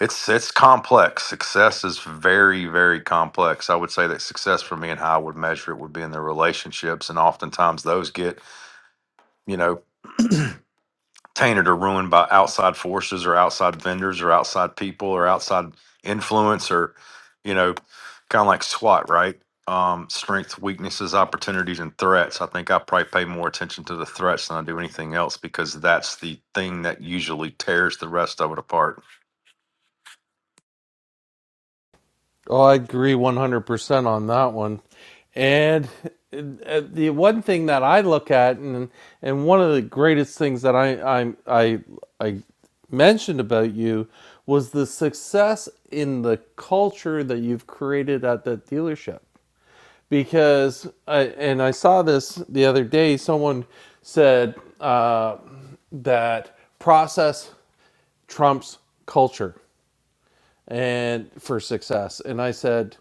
[SPEAKER 9] it's it's complex. Success is very, very complex. I would say that success for me and how I would measure it would be in their relationships. And oftentimes those get, you know, tainted or ruined by outside forces or outside vendors or outside people or outside influence or you know kind of like swat right um strengths weaknesses opportunities and threats i think i probably pay more attention to the threats than i do anything else because that's the thing that usually tears the rest of it apart
[SPEAKER 1] Oh, I agree 100% on that one. And uh, the one thing that I look at, and and one of the greatest things that I I I, I mentioned about you was the success in the culture that you've created at that dealership. because I, and I saw this the other day. Someone said uh, that process trumps culture and for success, and I said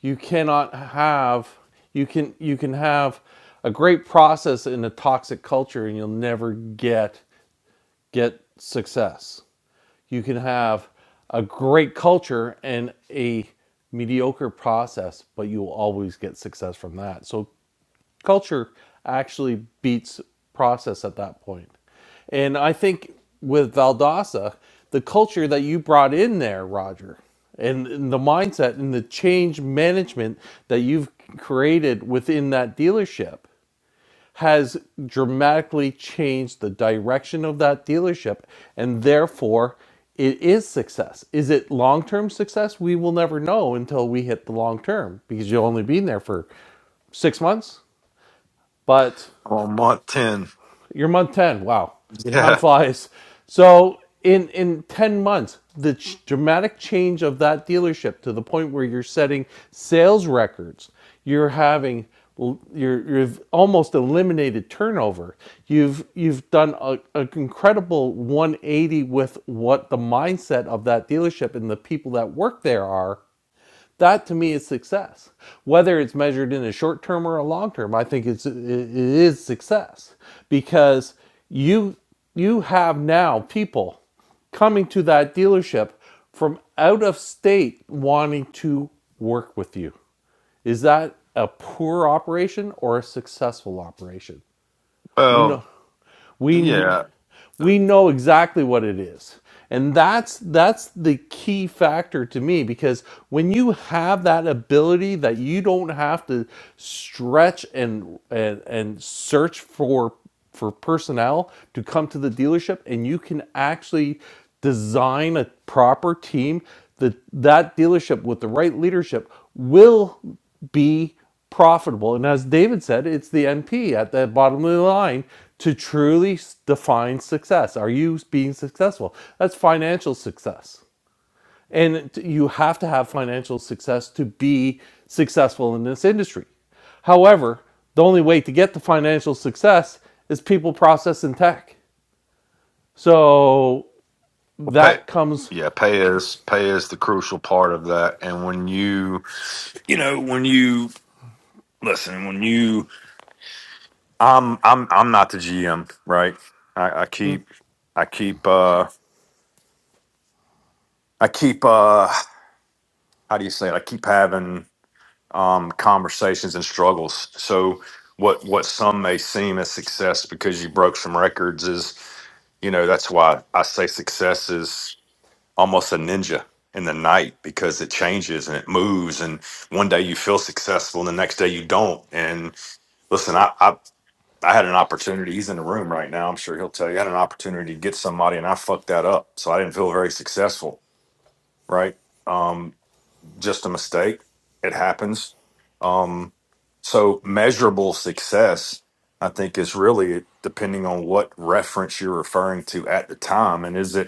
[SPEAKER 1] you cannot have you can you can have a great process in a toxic culture and you'll never get get success. You can have a great culture and a mediocre process, but you'll always get success from that. So culture actually beats process at that point. And I think with Valdosta, the culture that you brought in there, Roger, and, and the mindset and the change management that you've created within that dealership has dramatically changed the direction of that dealership and therefore it is success. Is it long term success? We will never know until we hit the long term because you'll only be in there for six months. But
[SPEAKER 9] on month 10
[SPEAKER 1] you're month 10. Wow. Time
[SPEAKER 9] yeah
[SPEAKER 1] flies. So, in, in 10 months, the ch- dramatic change of that dealership to the point where you're setting sales records, you're having you're, you've almost eliminated turnover. You've you've done a, an incredible 180 with what the mindset of that dealership and the people that work there are that to me is success. Whether it's measured in a short term or a long term, I think it's it is success because you you have now people coming to that dealership from out of state wanting to work with you. Is that a poor operation or a successful operation? We
[SPEAKER 9] well
[SPEAKER 1] know we
[SPEAKER 9] yeah
[SPEAKER 1] we know exactly what it is and that's that's the key factor to me because when you have that ability that you don't have to stretch and and, and search for for personnel to come to the dealership and you can actually design a proper team that that dealership with the right leadership will be profitable. And as David said, it's the NP at the bottom of the line to truly define success. Are you being successful? That's financial success. And you have to have financial success to be successful in this industry. However, the only way to get to financial success is people, process, and tech. So
[SPEAKER 9] well, pay
[SPEAKER 1] that comes,
[SPEAKER 9] yeah pay is pay is the crucial part of that and when you you know when you listen when you I'm I'm I'm not the GM, right? I, I keep I keep uh I keep uh how do you say it? I keep having um conversations and struggles. So what what some may seem as success because you broke some records is you know that's why I say success is almost a ninja in the night because it changes and it moves and one day you feel successful and the next day you don't and listen I, I I had an opportunity. He's in the room right now. I'm sure he'll tell you. I had an opportunity to get somebody, and I fucked that up. So I didn't feel very successful. Right? Um, just a mistake. It happens. Um, so measurable success, I think, is really depending on what reference you're referring to at the time, and is it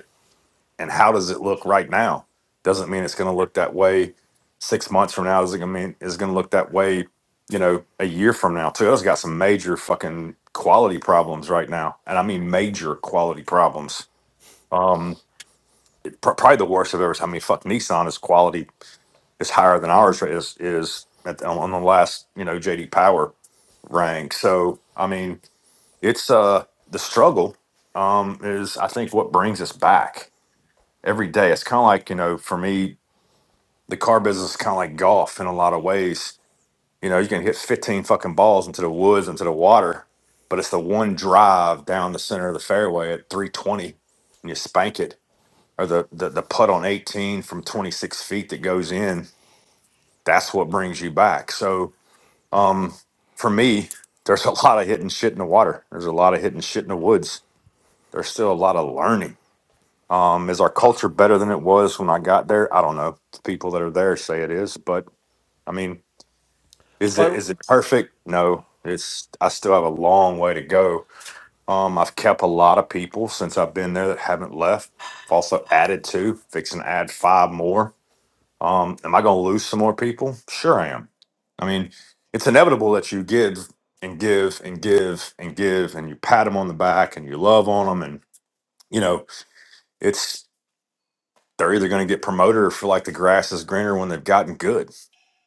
[SPEAKER 9] and how does it look right now doesn't mean it's going to look that way six months from now doesn't mean it's going to look that way you know a year from now toyota's got some major fucking quality problems right now and i mean major quality problems um pr- probably the worst I've ever seen. i mean fuck nissan is quality is higher than ours is is at, on the last you know jd power rank so i mean it's uh the struggle um is i think what brings us back every day. It's kind of like, you know, for me, the car business is kind of like golf in a lot of ways. You know, you can hit 15 fucking balls into the woods, into the water, but it's the one drive down the center of the fairway at 320 and you spank it, or the, the, the putt on 18 from 26 feet that goes in. That's what brings you back. So um, for me, there's a lot of hitting shit in the water. There's a lot of hitting shit in the woods. There's still a lot of learning Um, is our culture better than it was when I got there? I don't know. The people that are there say it is, but I mean, is it
[SPEAKER 1] but
[SPEAKER 9] is it perfect? No. It's I still have a long way to go. Um, I've kept a lot of people since I've been there that haven't left. I've also added two, fixing to add five more. Um, am I gonna lose some more people? Sure I am. I mean, it's inevitable that you give and give and give and give and you pat them on the back and you love on them and you know, it's. they're either going to get promoted or feel like the grass is greener when they've gotten good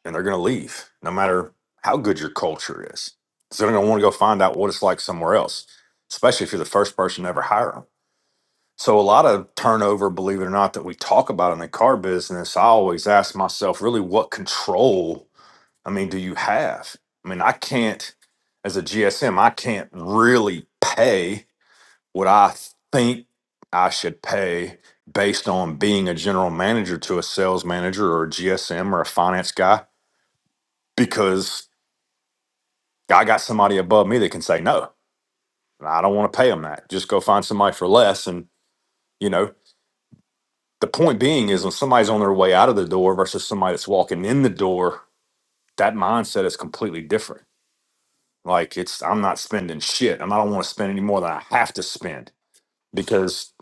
[SPEAKER 9] and they're going to leave no matter how good your culture is. So they're going to want to go find out what it's like somewhere else, especially if you're the first person to ever hire them. So a lot of turnover, believe it or not, that we talk about in the car business, I always ask myself, really, what control, I mean, do you have? I mean, I can't, as a GSM, I can't really pay what I think I should pay based on being a general manager to a sales manager or a GSM or a finance guy because I got somebody above me that can say no. I don't want to pay them that. Just go find somebody for less. And you know, the point being is when somebody's on their way out of the door versus somebody that's walking in the door, that mindset is completely different. Like it's I'm not spending shit. and I don't want to spend any more than I have to spend because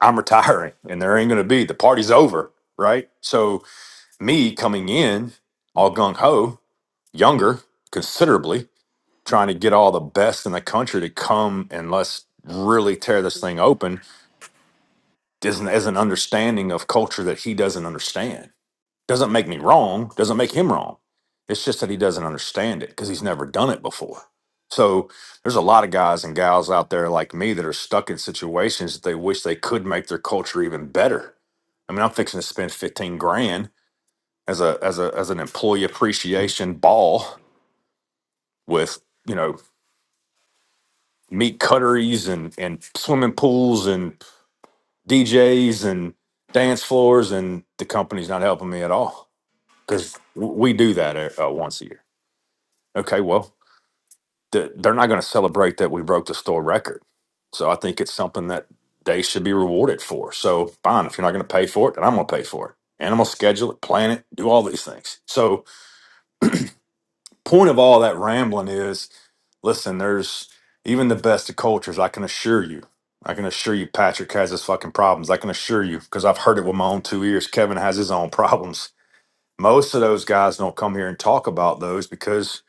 [SPEAKER 9] I'm retiring and there ain't gonna be the party's over right? So me coming in all gung ho, younger considerably, trying to get all the best in the country to come and let's really tear this thing open, is an, is an understanding of culture that he doesn't understand. Doesn't make me wrong, doesn't make him wrong. It's just that he doesn't understand it because he's never done it before. So there's a lot of guys and gals out there like me that are stuck in situations that they wish they could make their culture even better. I mean, I'm fixing to spend 15 grand as a as a as an employee appreciation ball with you know meat cutteries and and swimming pools and DJs and dance floors and the company's not helping me at all because we do that uh, uh, once a year. Okay, well th- they're not going to celebrate that we broke the store record, so I think it's something that they should be rewarded for. So fine, if you're not going to pay for it, then I'm going to pay for it. And I'm gonna schedule it, plan it, do all these things. So point of all that rambling is Listen, there's even the best of cultures. I can assure you. I can assure you, Patrick has his fucking problems. I can assure you because I've heard it with my own two ears. Kevin has his own problems. Most of those guys don't come here and talk about those because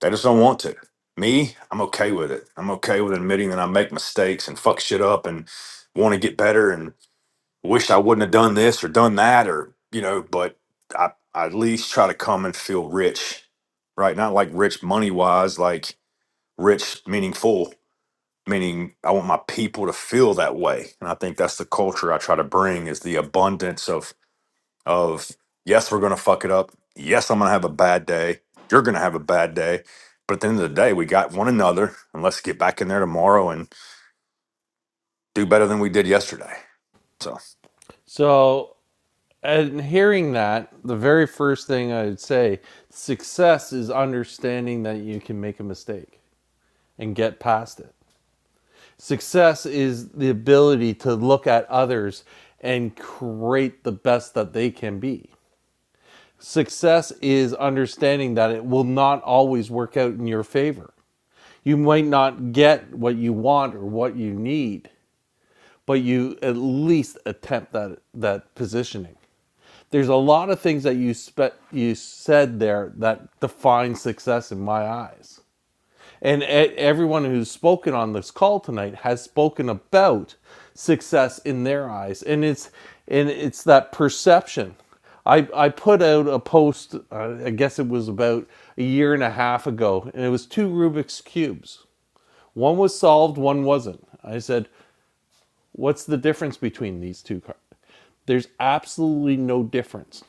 [SPEAKER 9] they just don't want to. Me, I'm okay with it. I'm okay with admitting that I make mistakes and fuck shit up and want to get better and wish I wouldn't have done this or done that or, you know, but I, I at least try to come and feel rich, right? Not like rich money wise, like rich meaning full meaning I want my people to feel that way. And I think that's the culture I try to bring is the abundance of of yes, we're gonna fuck it up. Yes, I'm gonna have a bad day. You're gonna have a bad day. But at the end of the day, we got one another and let's get back in there tomorrow and do better than we did yesterday. So.
[SPEAKER 1] so and hearing that, the very first thing I'd say, success is understanding that you can make a mistake and get past it. Success is the ability to look at others and create the best that they can be. Success is understanding that it will not always work out in your favor. You might not get what you want or what you need, but you at least attempt that that positioning there's a lot of things that you spe- you said there that define success in my eyes. And e- everyone who's spoken on this call tonight has spoken about success in their eyes, and it's and it's that perception. I, I put out a post, uh, I guess it was about a year and a half ago, and it was two Rubik's Cubes. One was solved, one wasn't. I said, What's the difference between these two cards? There's absolutely no difference.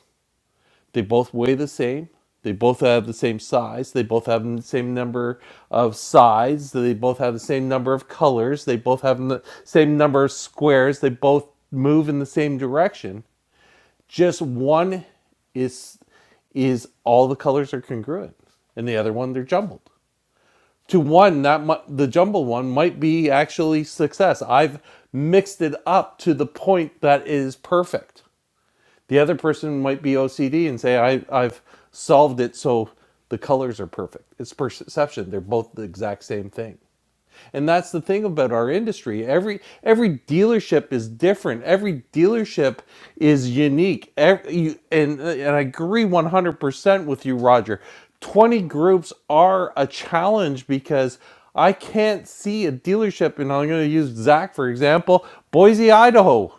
[SPEAKER 1] They both weigh the same. They both have the same size. They both have the same number of sides. They both have the same number of colors. They both have the same number of squares. They both move in the same direction. Just one is is all the colors are congruent, and the other one they're jumbled. To one, that mi- the jumbled one might be actually success. I've mixed it up to the point that it is perfect the other person might be OCD and say, I, I've solved it so the colors are perfect. It's perception. They're both the exact same thing. And that's the thing about our industry. Every every dealership is different. Every dealership is unique. Ev- you, and and I agree 100% with you, Roger. 20 groups are a challenge because I can't see a dealership and I'm going to use Zach for example, Boise, Idaho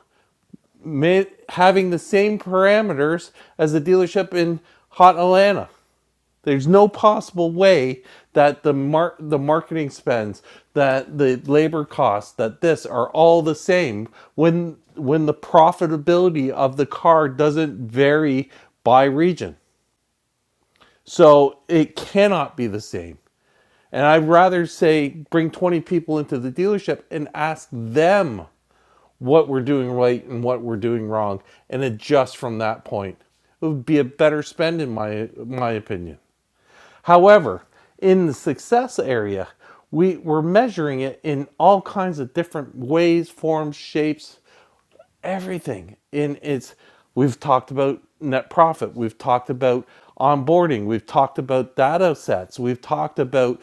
[SPEAKER 1] having the same parameters as the dealership in hot Atlanta. There's no possible way that the mar- the marketing spends, that the labor costs, that this are all the same when when the profitability of the car doesn't vary by region. So it cannot be the same. And I'd rather say bring 20 people into the dealership and ask them what we're doing right and what we're doing wrong and adjust from that point. It would be a better spend in my my opinion. However, in the success area, we, we're measuring it in all kinds of different ways, forms, shapes, everything. And it's we've talked about net profit, we've talked about onboarding, we've talked about data sets, we've talked about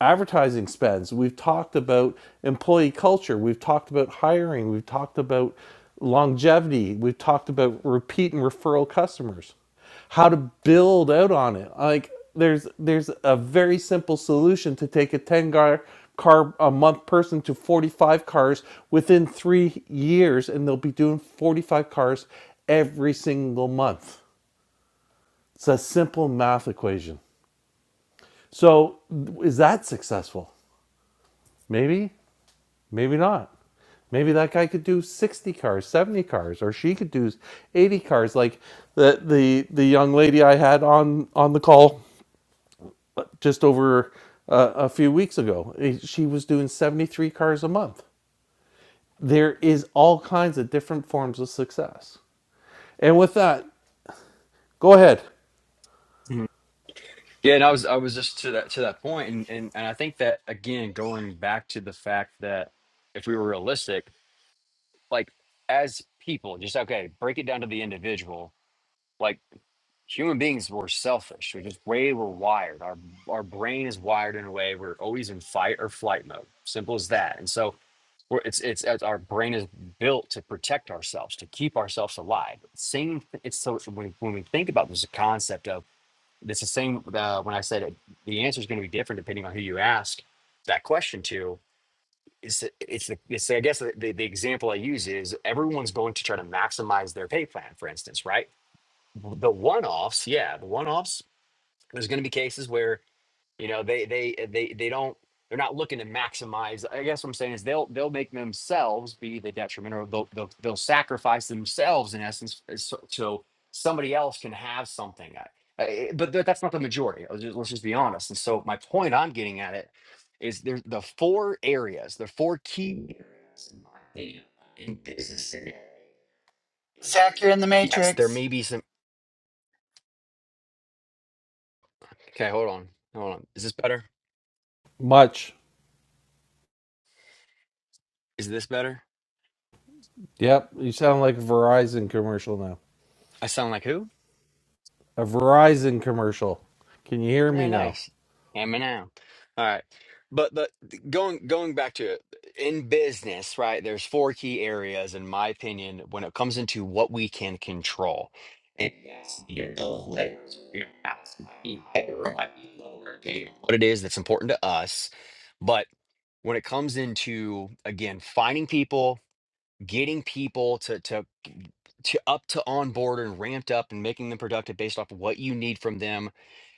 [SPEAKER 1] advertising spends. We've talked about employee culture. We've talked about hiring. We've talked about longevity. We've talked about repeat and referral customers. How to build out on it. Like there's there's a very simple solution to take a 10 car car a month person to 45 cars within 3 years and they'll be doing 45 cars every single month. It's a simple math equation. So, is that successful? Maybe. Maybe not. Maybe that guy could do 60 cars, 70 cars, or she could do 80 cars like the the the young lady I had on on the call just over uh, a few weeks ago. Eh, She was doing 73 cars a month. There is all kinds of different forms of success. And with that, go ahead.
[SPEAKER 4] Mhm. Yeah, and I was I was just to that to that point, and and and I think that again, going back to the fact that if we were realistic, like as people, just okay, break it down to the individual. Like human beings, we're selfish. We're just way we're wired. Our our brain is wired in a way we're always in fight or flight mode. Simple as that. And so We're, it's, it's it's our brain is built to protect ourselves, to keep ourselves alive. Same. th- It's so so when, when we think about this concept of it's the same. Uh, when I said it, the answer is going to be different depending on who you ask that question to. It's the- it's the, it's I guess the, the, the example I use is everyone's going to try to maximize their pay plan, for instance, right? The one offs, yeah, the one offs. There's going to be cases where you know, they they eh, they they don't they're not looking to maximize. I guess what I'm saying is they'll they'll make themselves be the detriment, or they'll they'll, they'll sacrifice themselves in essence, s- so, so somebody else can have something. I, I- but th- that's not the majority. I'll just- let's just be honest. And so my point I'm getting at it is there's the four areas, the four key areas in my opinion, in business. today.
[SPEAKER 3] Zach, you're in the
[SPEAKER 4] Yes, there
[SPEAKER 3] Matrix.
[SPEAKER 4] may be some. Okay, hold on, hold on. Is this better?
[SPEAKER 1] Much.
[SPEAKER 4] Is this better?
[SPEAKER 1] Yep, you sound like a Verizon commercial now.
[SPEAKER 4] I sound like who?
[SPEAKER 1] A Verizon commercial. Can you hear me
[SPEAKER 4] Oh,
[SPEAKER 1] now?
[SPEAKER 4] nice. Hammer now. All right. But but going going back to it, in business, right? There's four key areas, in my opinion, when it comes into what we can control. And yes, your those layers, of your house might be higher, or might be lower, okay, What it is that's important to us. But when it comes into again, finding people, getting people to to to up to on board and ramped up and making them productive based off of what you need from them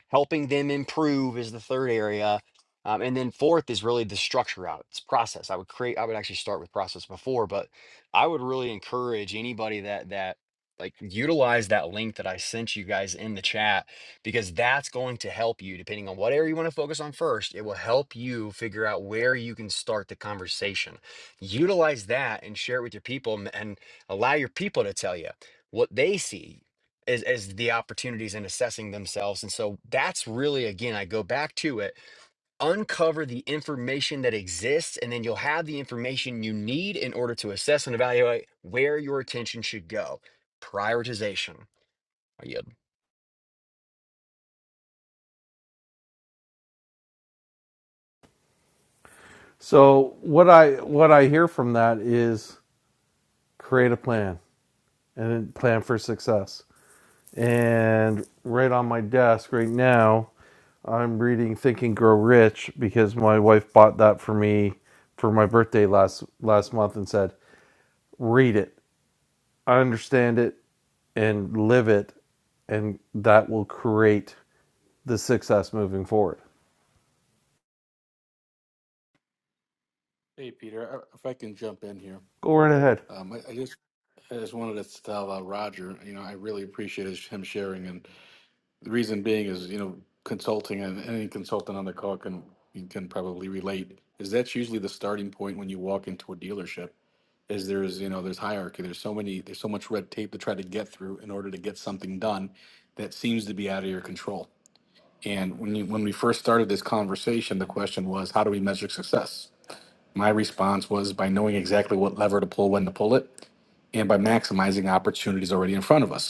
[SPEAKER 4] helping them improve is the third area. Um, and then fourth is really the structure out. It's process. I would create, I would actually start with process before, but I would really encourage anybody that, that like utilize that link that I sent you guys in the chat because that's going to help you depending on what area you want to focus on first. It will help you figure out where you can start the conversation. Utilize that and share it with your people m- and allow your people to tell you what they see as as the opportunities and assessing themselves and so that's really again i go back to it uncover the information that exists and then you'll have the information you need in order to assess and evaluate where your attention should go prioritization I yield.
[SPEAKER 1] So what I what I hear from that is create a plan and plan for success. And right on my desk right now, I'm reading Think and Grow Rich because my wife bought that for me for my birthday last last month and said, "Read it, understand it, and live it, and that will create the success moving forward."
[SPEAKER 5] hey peter I- if i can jump in here
[SPEAKER 1] Go right ahead.
[SPEAKER 5] um, I, I just I just wanted to tell uh, Roger, you know, I really appreciate his, him sharing, and the reason being is, you know, consulting and any consultant on the call can can probably relate. Is that's usually the starting point when you walk into a dealership is there's you know there's hierarchy there's so many there's so much red tape to try to get through in order to get something done that seems to be out of your control and when you, when we first started this conversation the question was how do we measure success my response was by knowing exactly what lever to pull when to pull it and by maximizing opportunities already in front of us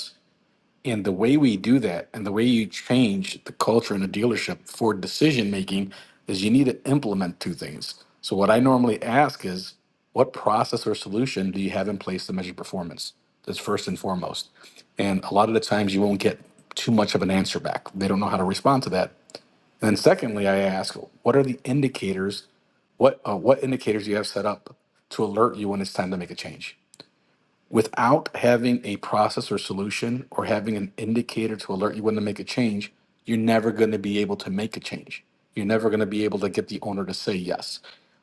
[SPEAKER 5] and the way we do that and the way you change the culture in a dealership for decision making is you need to implement two things. So, what I normally ask is, what process or solution do you have in place to measure performance? That's first and foremost. And a lot of the times you won't get too much of an answer back. They don't know how to respond to that. And then, secondly, I ask, what are the indicators? What, uh, what indicators do you have set up to alert you when it's time to make a change? without having a process or solution or having an indicator to alert you when to make a change, you're never going to be able to make a change. You're never going to be able to get the owner to say yes.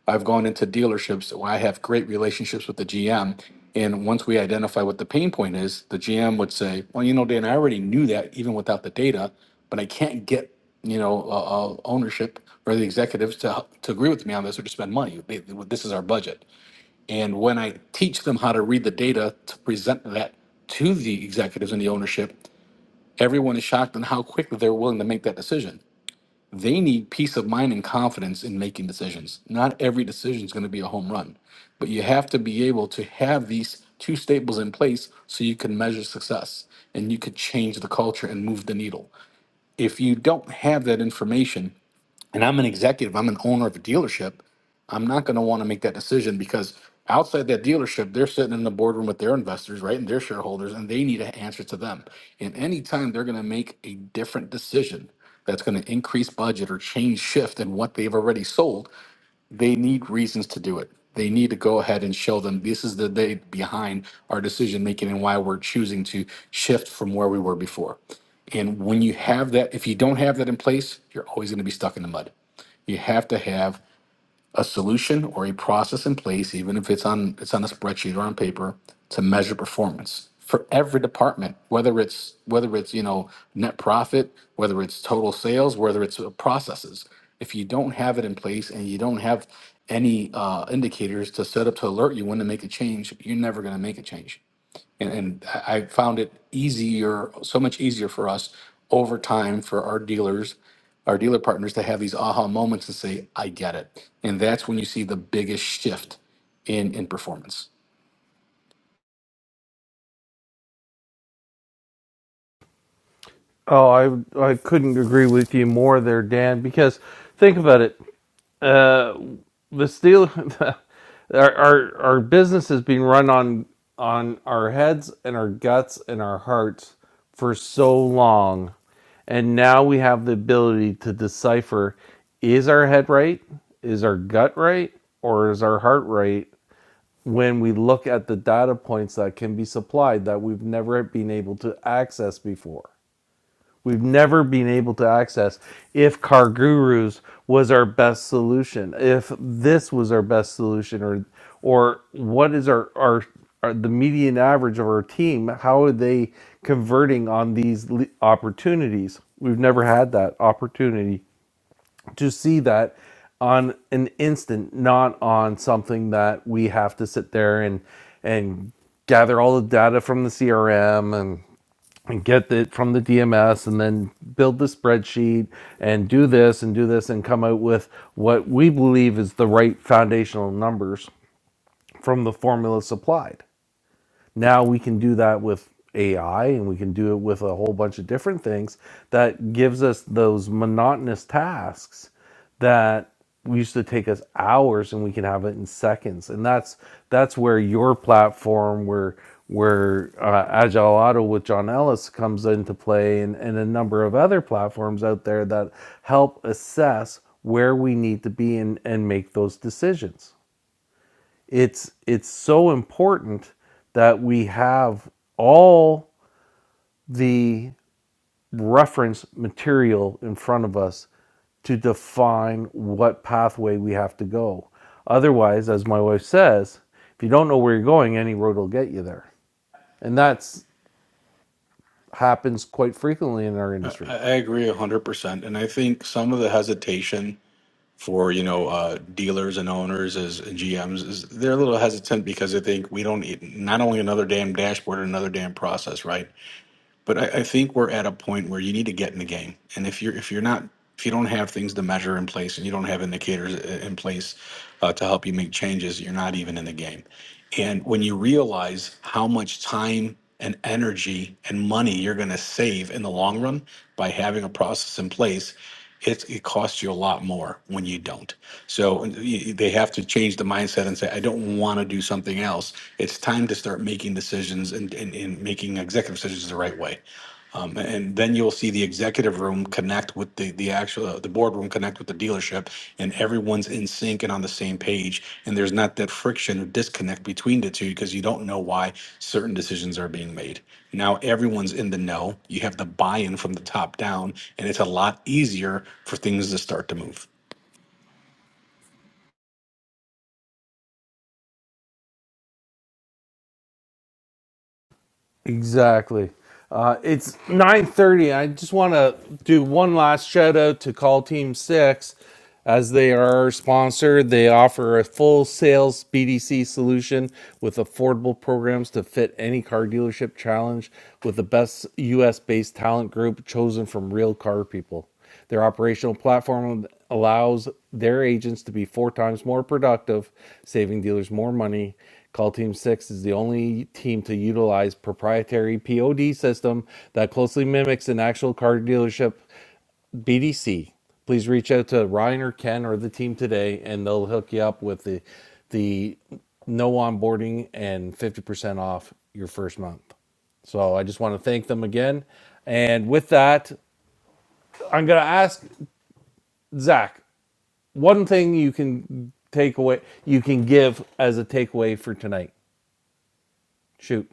[SPEAKER 5] I've gone into dealerships where I have great relationships with the GM. And once we identify what the pain point is, the GM would say, Well, you know, Dan, I already knew that even without the data, but I can't get, you know, uh, uh, ownership or the executives to, to agree with me on this or to spend money. They- they- this is our budget. And when I teach them how to read the data to present that to the executives and the ownership, everyone is shocked on how quickly they're willing to make that decision. They need peace of mind and confidence in making decisions. Not every decision is going to be a home run, but you have to be able to have these two staples in place so you can measure success and you could change the culture and move the needle. If you don't have that information, and I'm an executive, I'm an owner of a dealership, I'm not going to want to make that decision because outside that dealership, they're sitting in the boardroom with their investors, right, and their shareholders, and they need an answer to them. And anytime they're going to make a different decision that's going to increase budget or change shift in what they've already sold, they need reasons to do it. They need to go ahead and show them this is the day behind our decision making and why we're choosing to shift from where we were before. And when you have that, if you don't have that in place, you're always going to be stuck in the mud. You have to have a solution or a process in place, even if it's on it's on a spreadsheet or on paper, to measure performance for every department, whether it's whether it's you know net profit, whether it's total sales, whether it's uh, processes. If you don't have it in place and you don't have any uh, indicators to set up to alert you when to make a change, you're never going to make a change and, and I I found it easier, so much easier for us over time for our dealers, our dealer partners to have these aha moments and say, "I get it," and that's when you see the biggest shift in in performance.
[SPEAKER 1] Oh, I I couldn't agree with you more there, Dan. Because think about it Uh, the steel, our, our our business is being run on on our heads and our guts and our hearts for so long, and now we have the ability to decipher: is our head right? Is our gut right? Or is our heart right? When we look at the data points that can be supplied that we've never been able to access before we've never been able to access if car gurus was our best solution if this was our best solution or or what is our our, our the median average of our team how are they converting on these le- opportunities we've never had that opportunity to see that on an instant not on something that we have to sit there and and gather all the data from the crm and and get it from the DMS and then build the spreadsheet and do this and do this and come out with what we believe is the right foundational numbers from the formula supplied. Now we can do that with AI and we can do it with a whole bunch of different things that gives us those monotonous tasks that we used to take us hours and we can have it in seconds and that's that's where your platform where where uh, agile auto with john ellis comes into play and, and a number of other platforms out there that help assess where we need to be and, and make those decisions it's it's so important that we have all the reference material in front of us to define what pathway we have to go. Otherwise, as my wife says, if you don't know where you're going, any road will get you there. And that's happens quite frequently in our
[SPEAKER 5] I
[SPEAKER 1] industry.
[SPEAKER 5] I agree a hundred percent, and I think some of the hesitation for you know uh, dealers and owners as and GMs is they're a little hesitant because they think we don't need not only another damn dashboard, and another damn process, right? but I, I think we're at a point where you need to get in the game. And if you're if you're not if you don't have things to measure in place and you don't have indicators i- in place uh, to help you make changes, you're not even in the game. And when you realize how much time and energy and money you're going to save in the long run by having a process in place, it, it costs you a lot more when you don't. So y- they have to change the mindset and say, I don't want to do something else. It's time to start making decisions and, and, and making executive decisions the right way. Um, and then you'll see the executive room connect with the the actual uh, the boardroom connect with the dealership, and everyone's in sync and on the same page. And there's not that friction or disconnect between the two because you don't know why certain decisions are being made. Now everyone's in the know. You have the buy-in from the top down, and it's a lot easier for things to start to move.
[SPEAKER 1] Exactly. Uh, it's 9:30. I just want to do one last shout out to Call Team 6 as they are our sponsor. They offer a full sales BDC solution with affordable programs to fit any car dealership challenge with the best US-based talent group chosen from real car people. Their operational platform allows their agents to be four times more productive, saving dealers more money. Call Team 6 is the only team to utilize proprietary POD system that closely mimics an actual car dealership BDC. Please reach out to Ryan or Ken or the team today and they'll hook you up with the the no onboarding and 50% off your first month. So I just want to thank them again. And with that, I'm going to ask Zach, one thing you can take away, you can give as a takeaway for tonight. Shoot.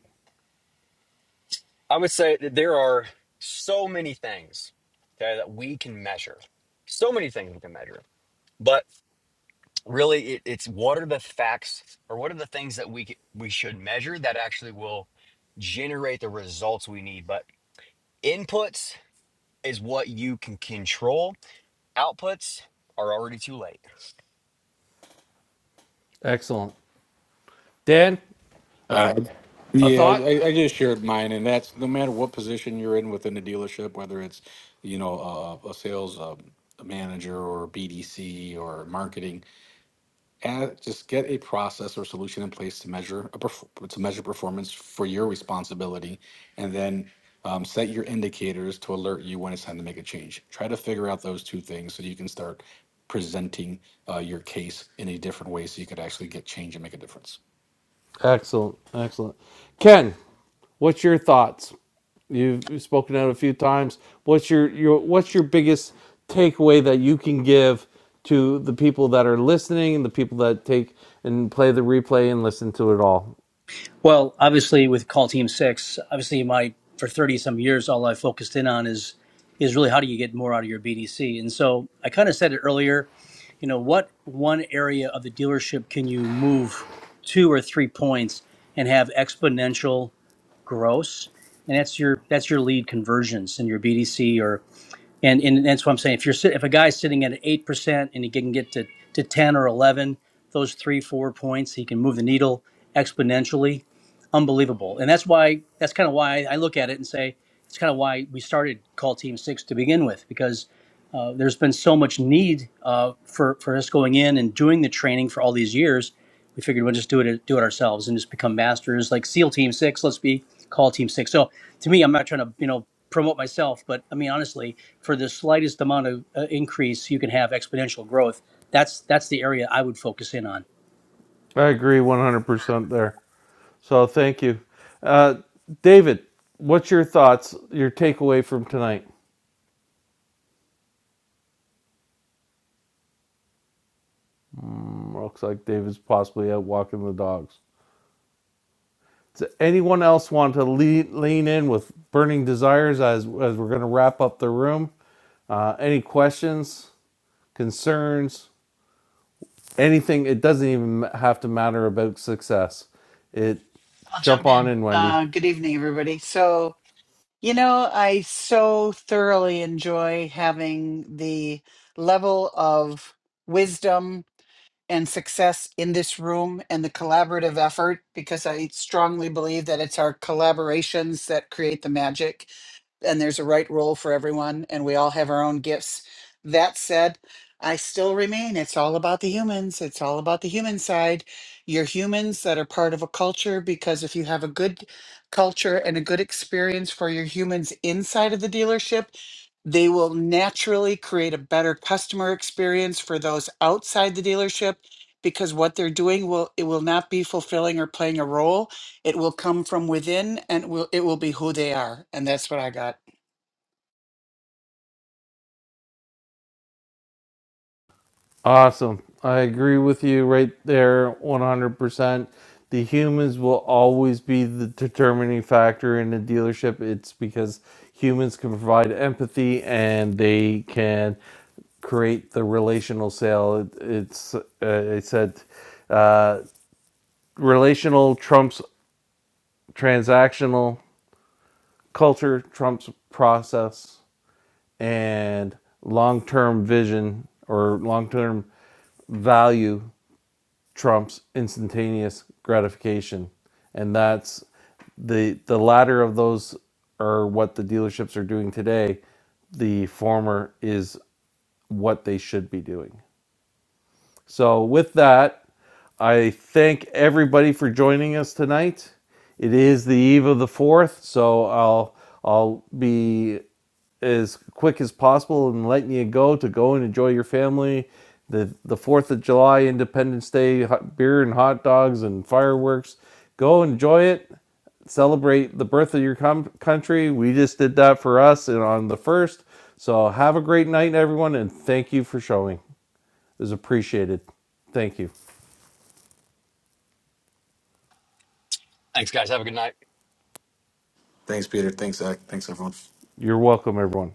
[SPEAKER 4] I would say that there are so many things okay, that we can measure so many things we can measure but really it, it's what are the facts or what are the things that we c- we should measure that actually will generate the results we need. But Inputs is what you can control. Outputs are already too late.
[SPEAKER 1] Excellent. Dan,
[SPEAKER 5] Uh,
[SPEAKER 1] a
[SPEAKER 5] yeah, I,
[SPEAKER 1] thought?
[SPEAKER 5] I I just shared mine, and that's no matter what position you're in within the dealership, whether it's you know uh, a sales um, manager or BDC or marketing, uh, just get a process or solution in place to measure a perf- to measure performance for your responsibility, and then um, set your indicators to alert you when it's time to make a change. Try to figure out those two things so you can start presenting uh, your case in a different way, so you could actually get change and make a difference.
[SPEAKER 1] Excellent. Excellent. Ken, what's your thoughts? You've spoken out a few times. What's your, your what's your biggest takeaway that you can give to the people that are listening and the people that take and play the replay and listen to it all?
[SPEAKER 6] Well, obviously with call team six, obviously my for thirty some years all I focused in on is is really how do you get more out of your BDC. And so I kind of said it earlier, you know, what one area of the dealership can you move two or three points and have exponential gross? And that's your that's your lead conversions in your BDC or. And, and that's what I'm saying. If you're sit, if a guy's sitting at eight percent and he can get to, to ten or eleven, those three four points, he can move the needle exponentially, unbelievable. And that's why that's kind of why I look at it and say it's kind of why we started Call Team Six to begin with because uh, there's been so much need uh, for for us going in and doing the training for all these years. We figured we'll just do it do it ourselves and just become masters like SEAL Team Six. Let's be Call Team Six. So to me, I'm not trying to you know promote myself, but I mean honestly for the slightest amount of uh, increase, you can have exponential growth. That's that's the area I would focus in on.
[SPEAKER 1] I agree 100% there. So thank you. Uh, David, what's your thoughts, your takeaway from tonight? Looks like David's possibly out walking the dogs. Does anyone else want to lean, lean in with burning desires as, as we're going to wrap up the room? Uh, any questions, concerns, anything? It doesn't even have to matter about success. It
[SPEAKER 3] I'll
[SPEAKER 1] jump
[SPEAKER 3] jump
[SPEAKER 1] on
[SPEAKER 3] in.
[SPEAKER 1] in, Wendy.
[SPEAKER 3] Uh, good evening, everybody. So, you know, I so thoroughly enjoy having the level of wisdom and success in this room and the collaborative effort because I strongly believe that it's our collaborations that create the magic. and there's a right role for everyone and we all have our own gifts. That said, I still remain it's all about the humans. It's all about the human side. You're humans that are part of a culture because if you have a good culture and a good experience for your humans inside of the dealership, they will naturally create a better customer experience for those outside the dealership because what they're doing will it will not be fulfilling or playing a role. It will come from within and it will it will be who they are. And that's what I got.
[SPEAKER 1] Awesome. I agree with you right there 100%. The humans will always be the determining factor in a dealership. It's because humans can provide empathy and they can create the relational sale. It, it's, uh, it said, uh, relational trumps transactional, culture trumps process, and long term vision or long term value trumps instantaneous gratification and that's the the latter of those are what the dealerships are doing today the former is what they should be doing so, with that, I thank everybody for joining us tonight. It is the eve of the 4th, so I'll I'll be as quick as possible in letting you go to go and enjoy your family. The the 4th of July, Independence Day, hot beer and hot dogs and fireworks. Go enjoy it. Celebrate the birth of your com- country. We just did that for us and on the 1st. So have a great night everyone and thank you for showing is appreciated. Thank you.
[SPEAKER 4] Thanks, guys. Have a good night.
[SPEAKER 5] Thanks, Peter. Thanks, Zach. Thanks, everyone.
[SPEAKER 1] You're welcome, everyone.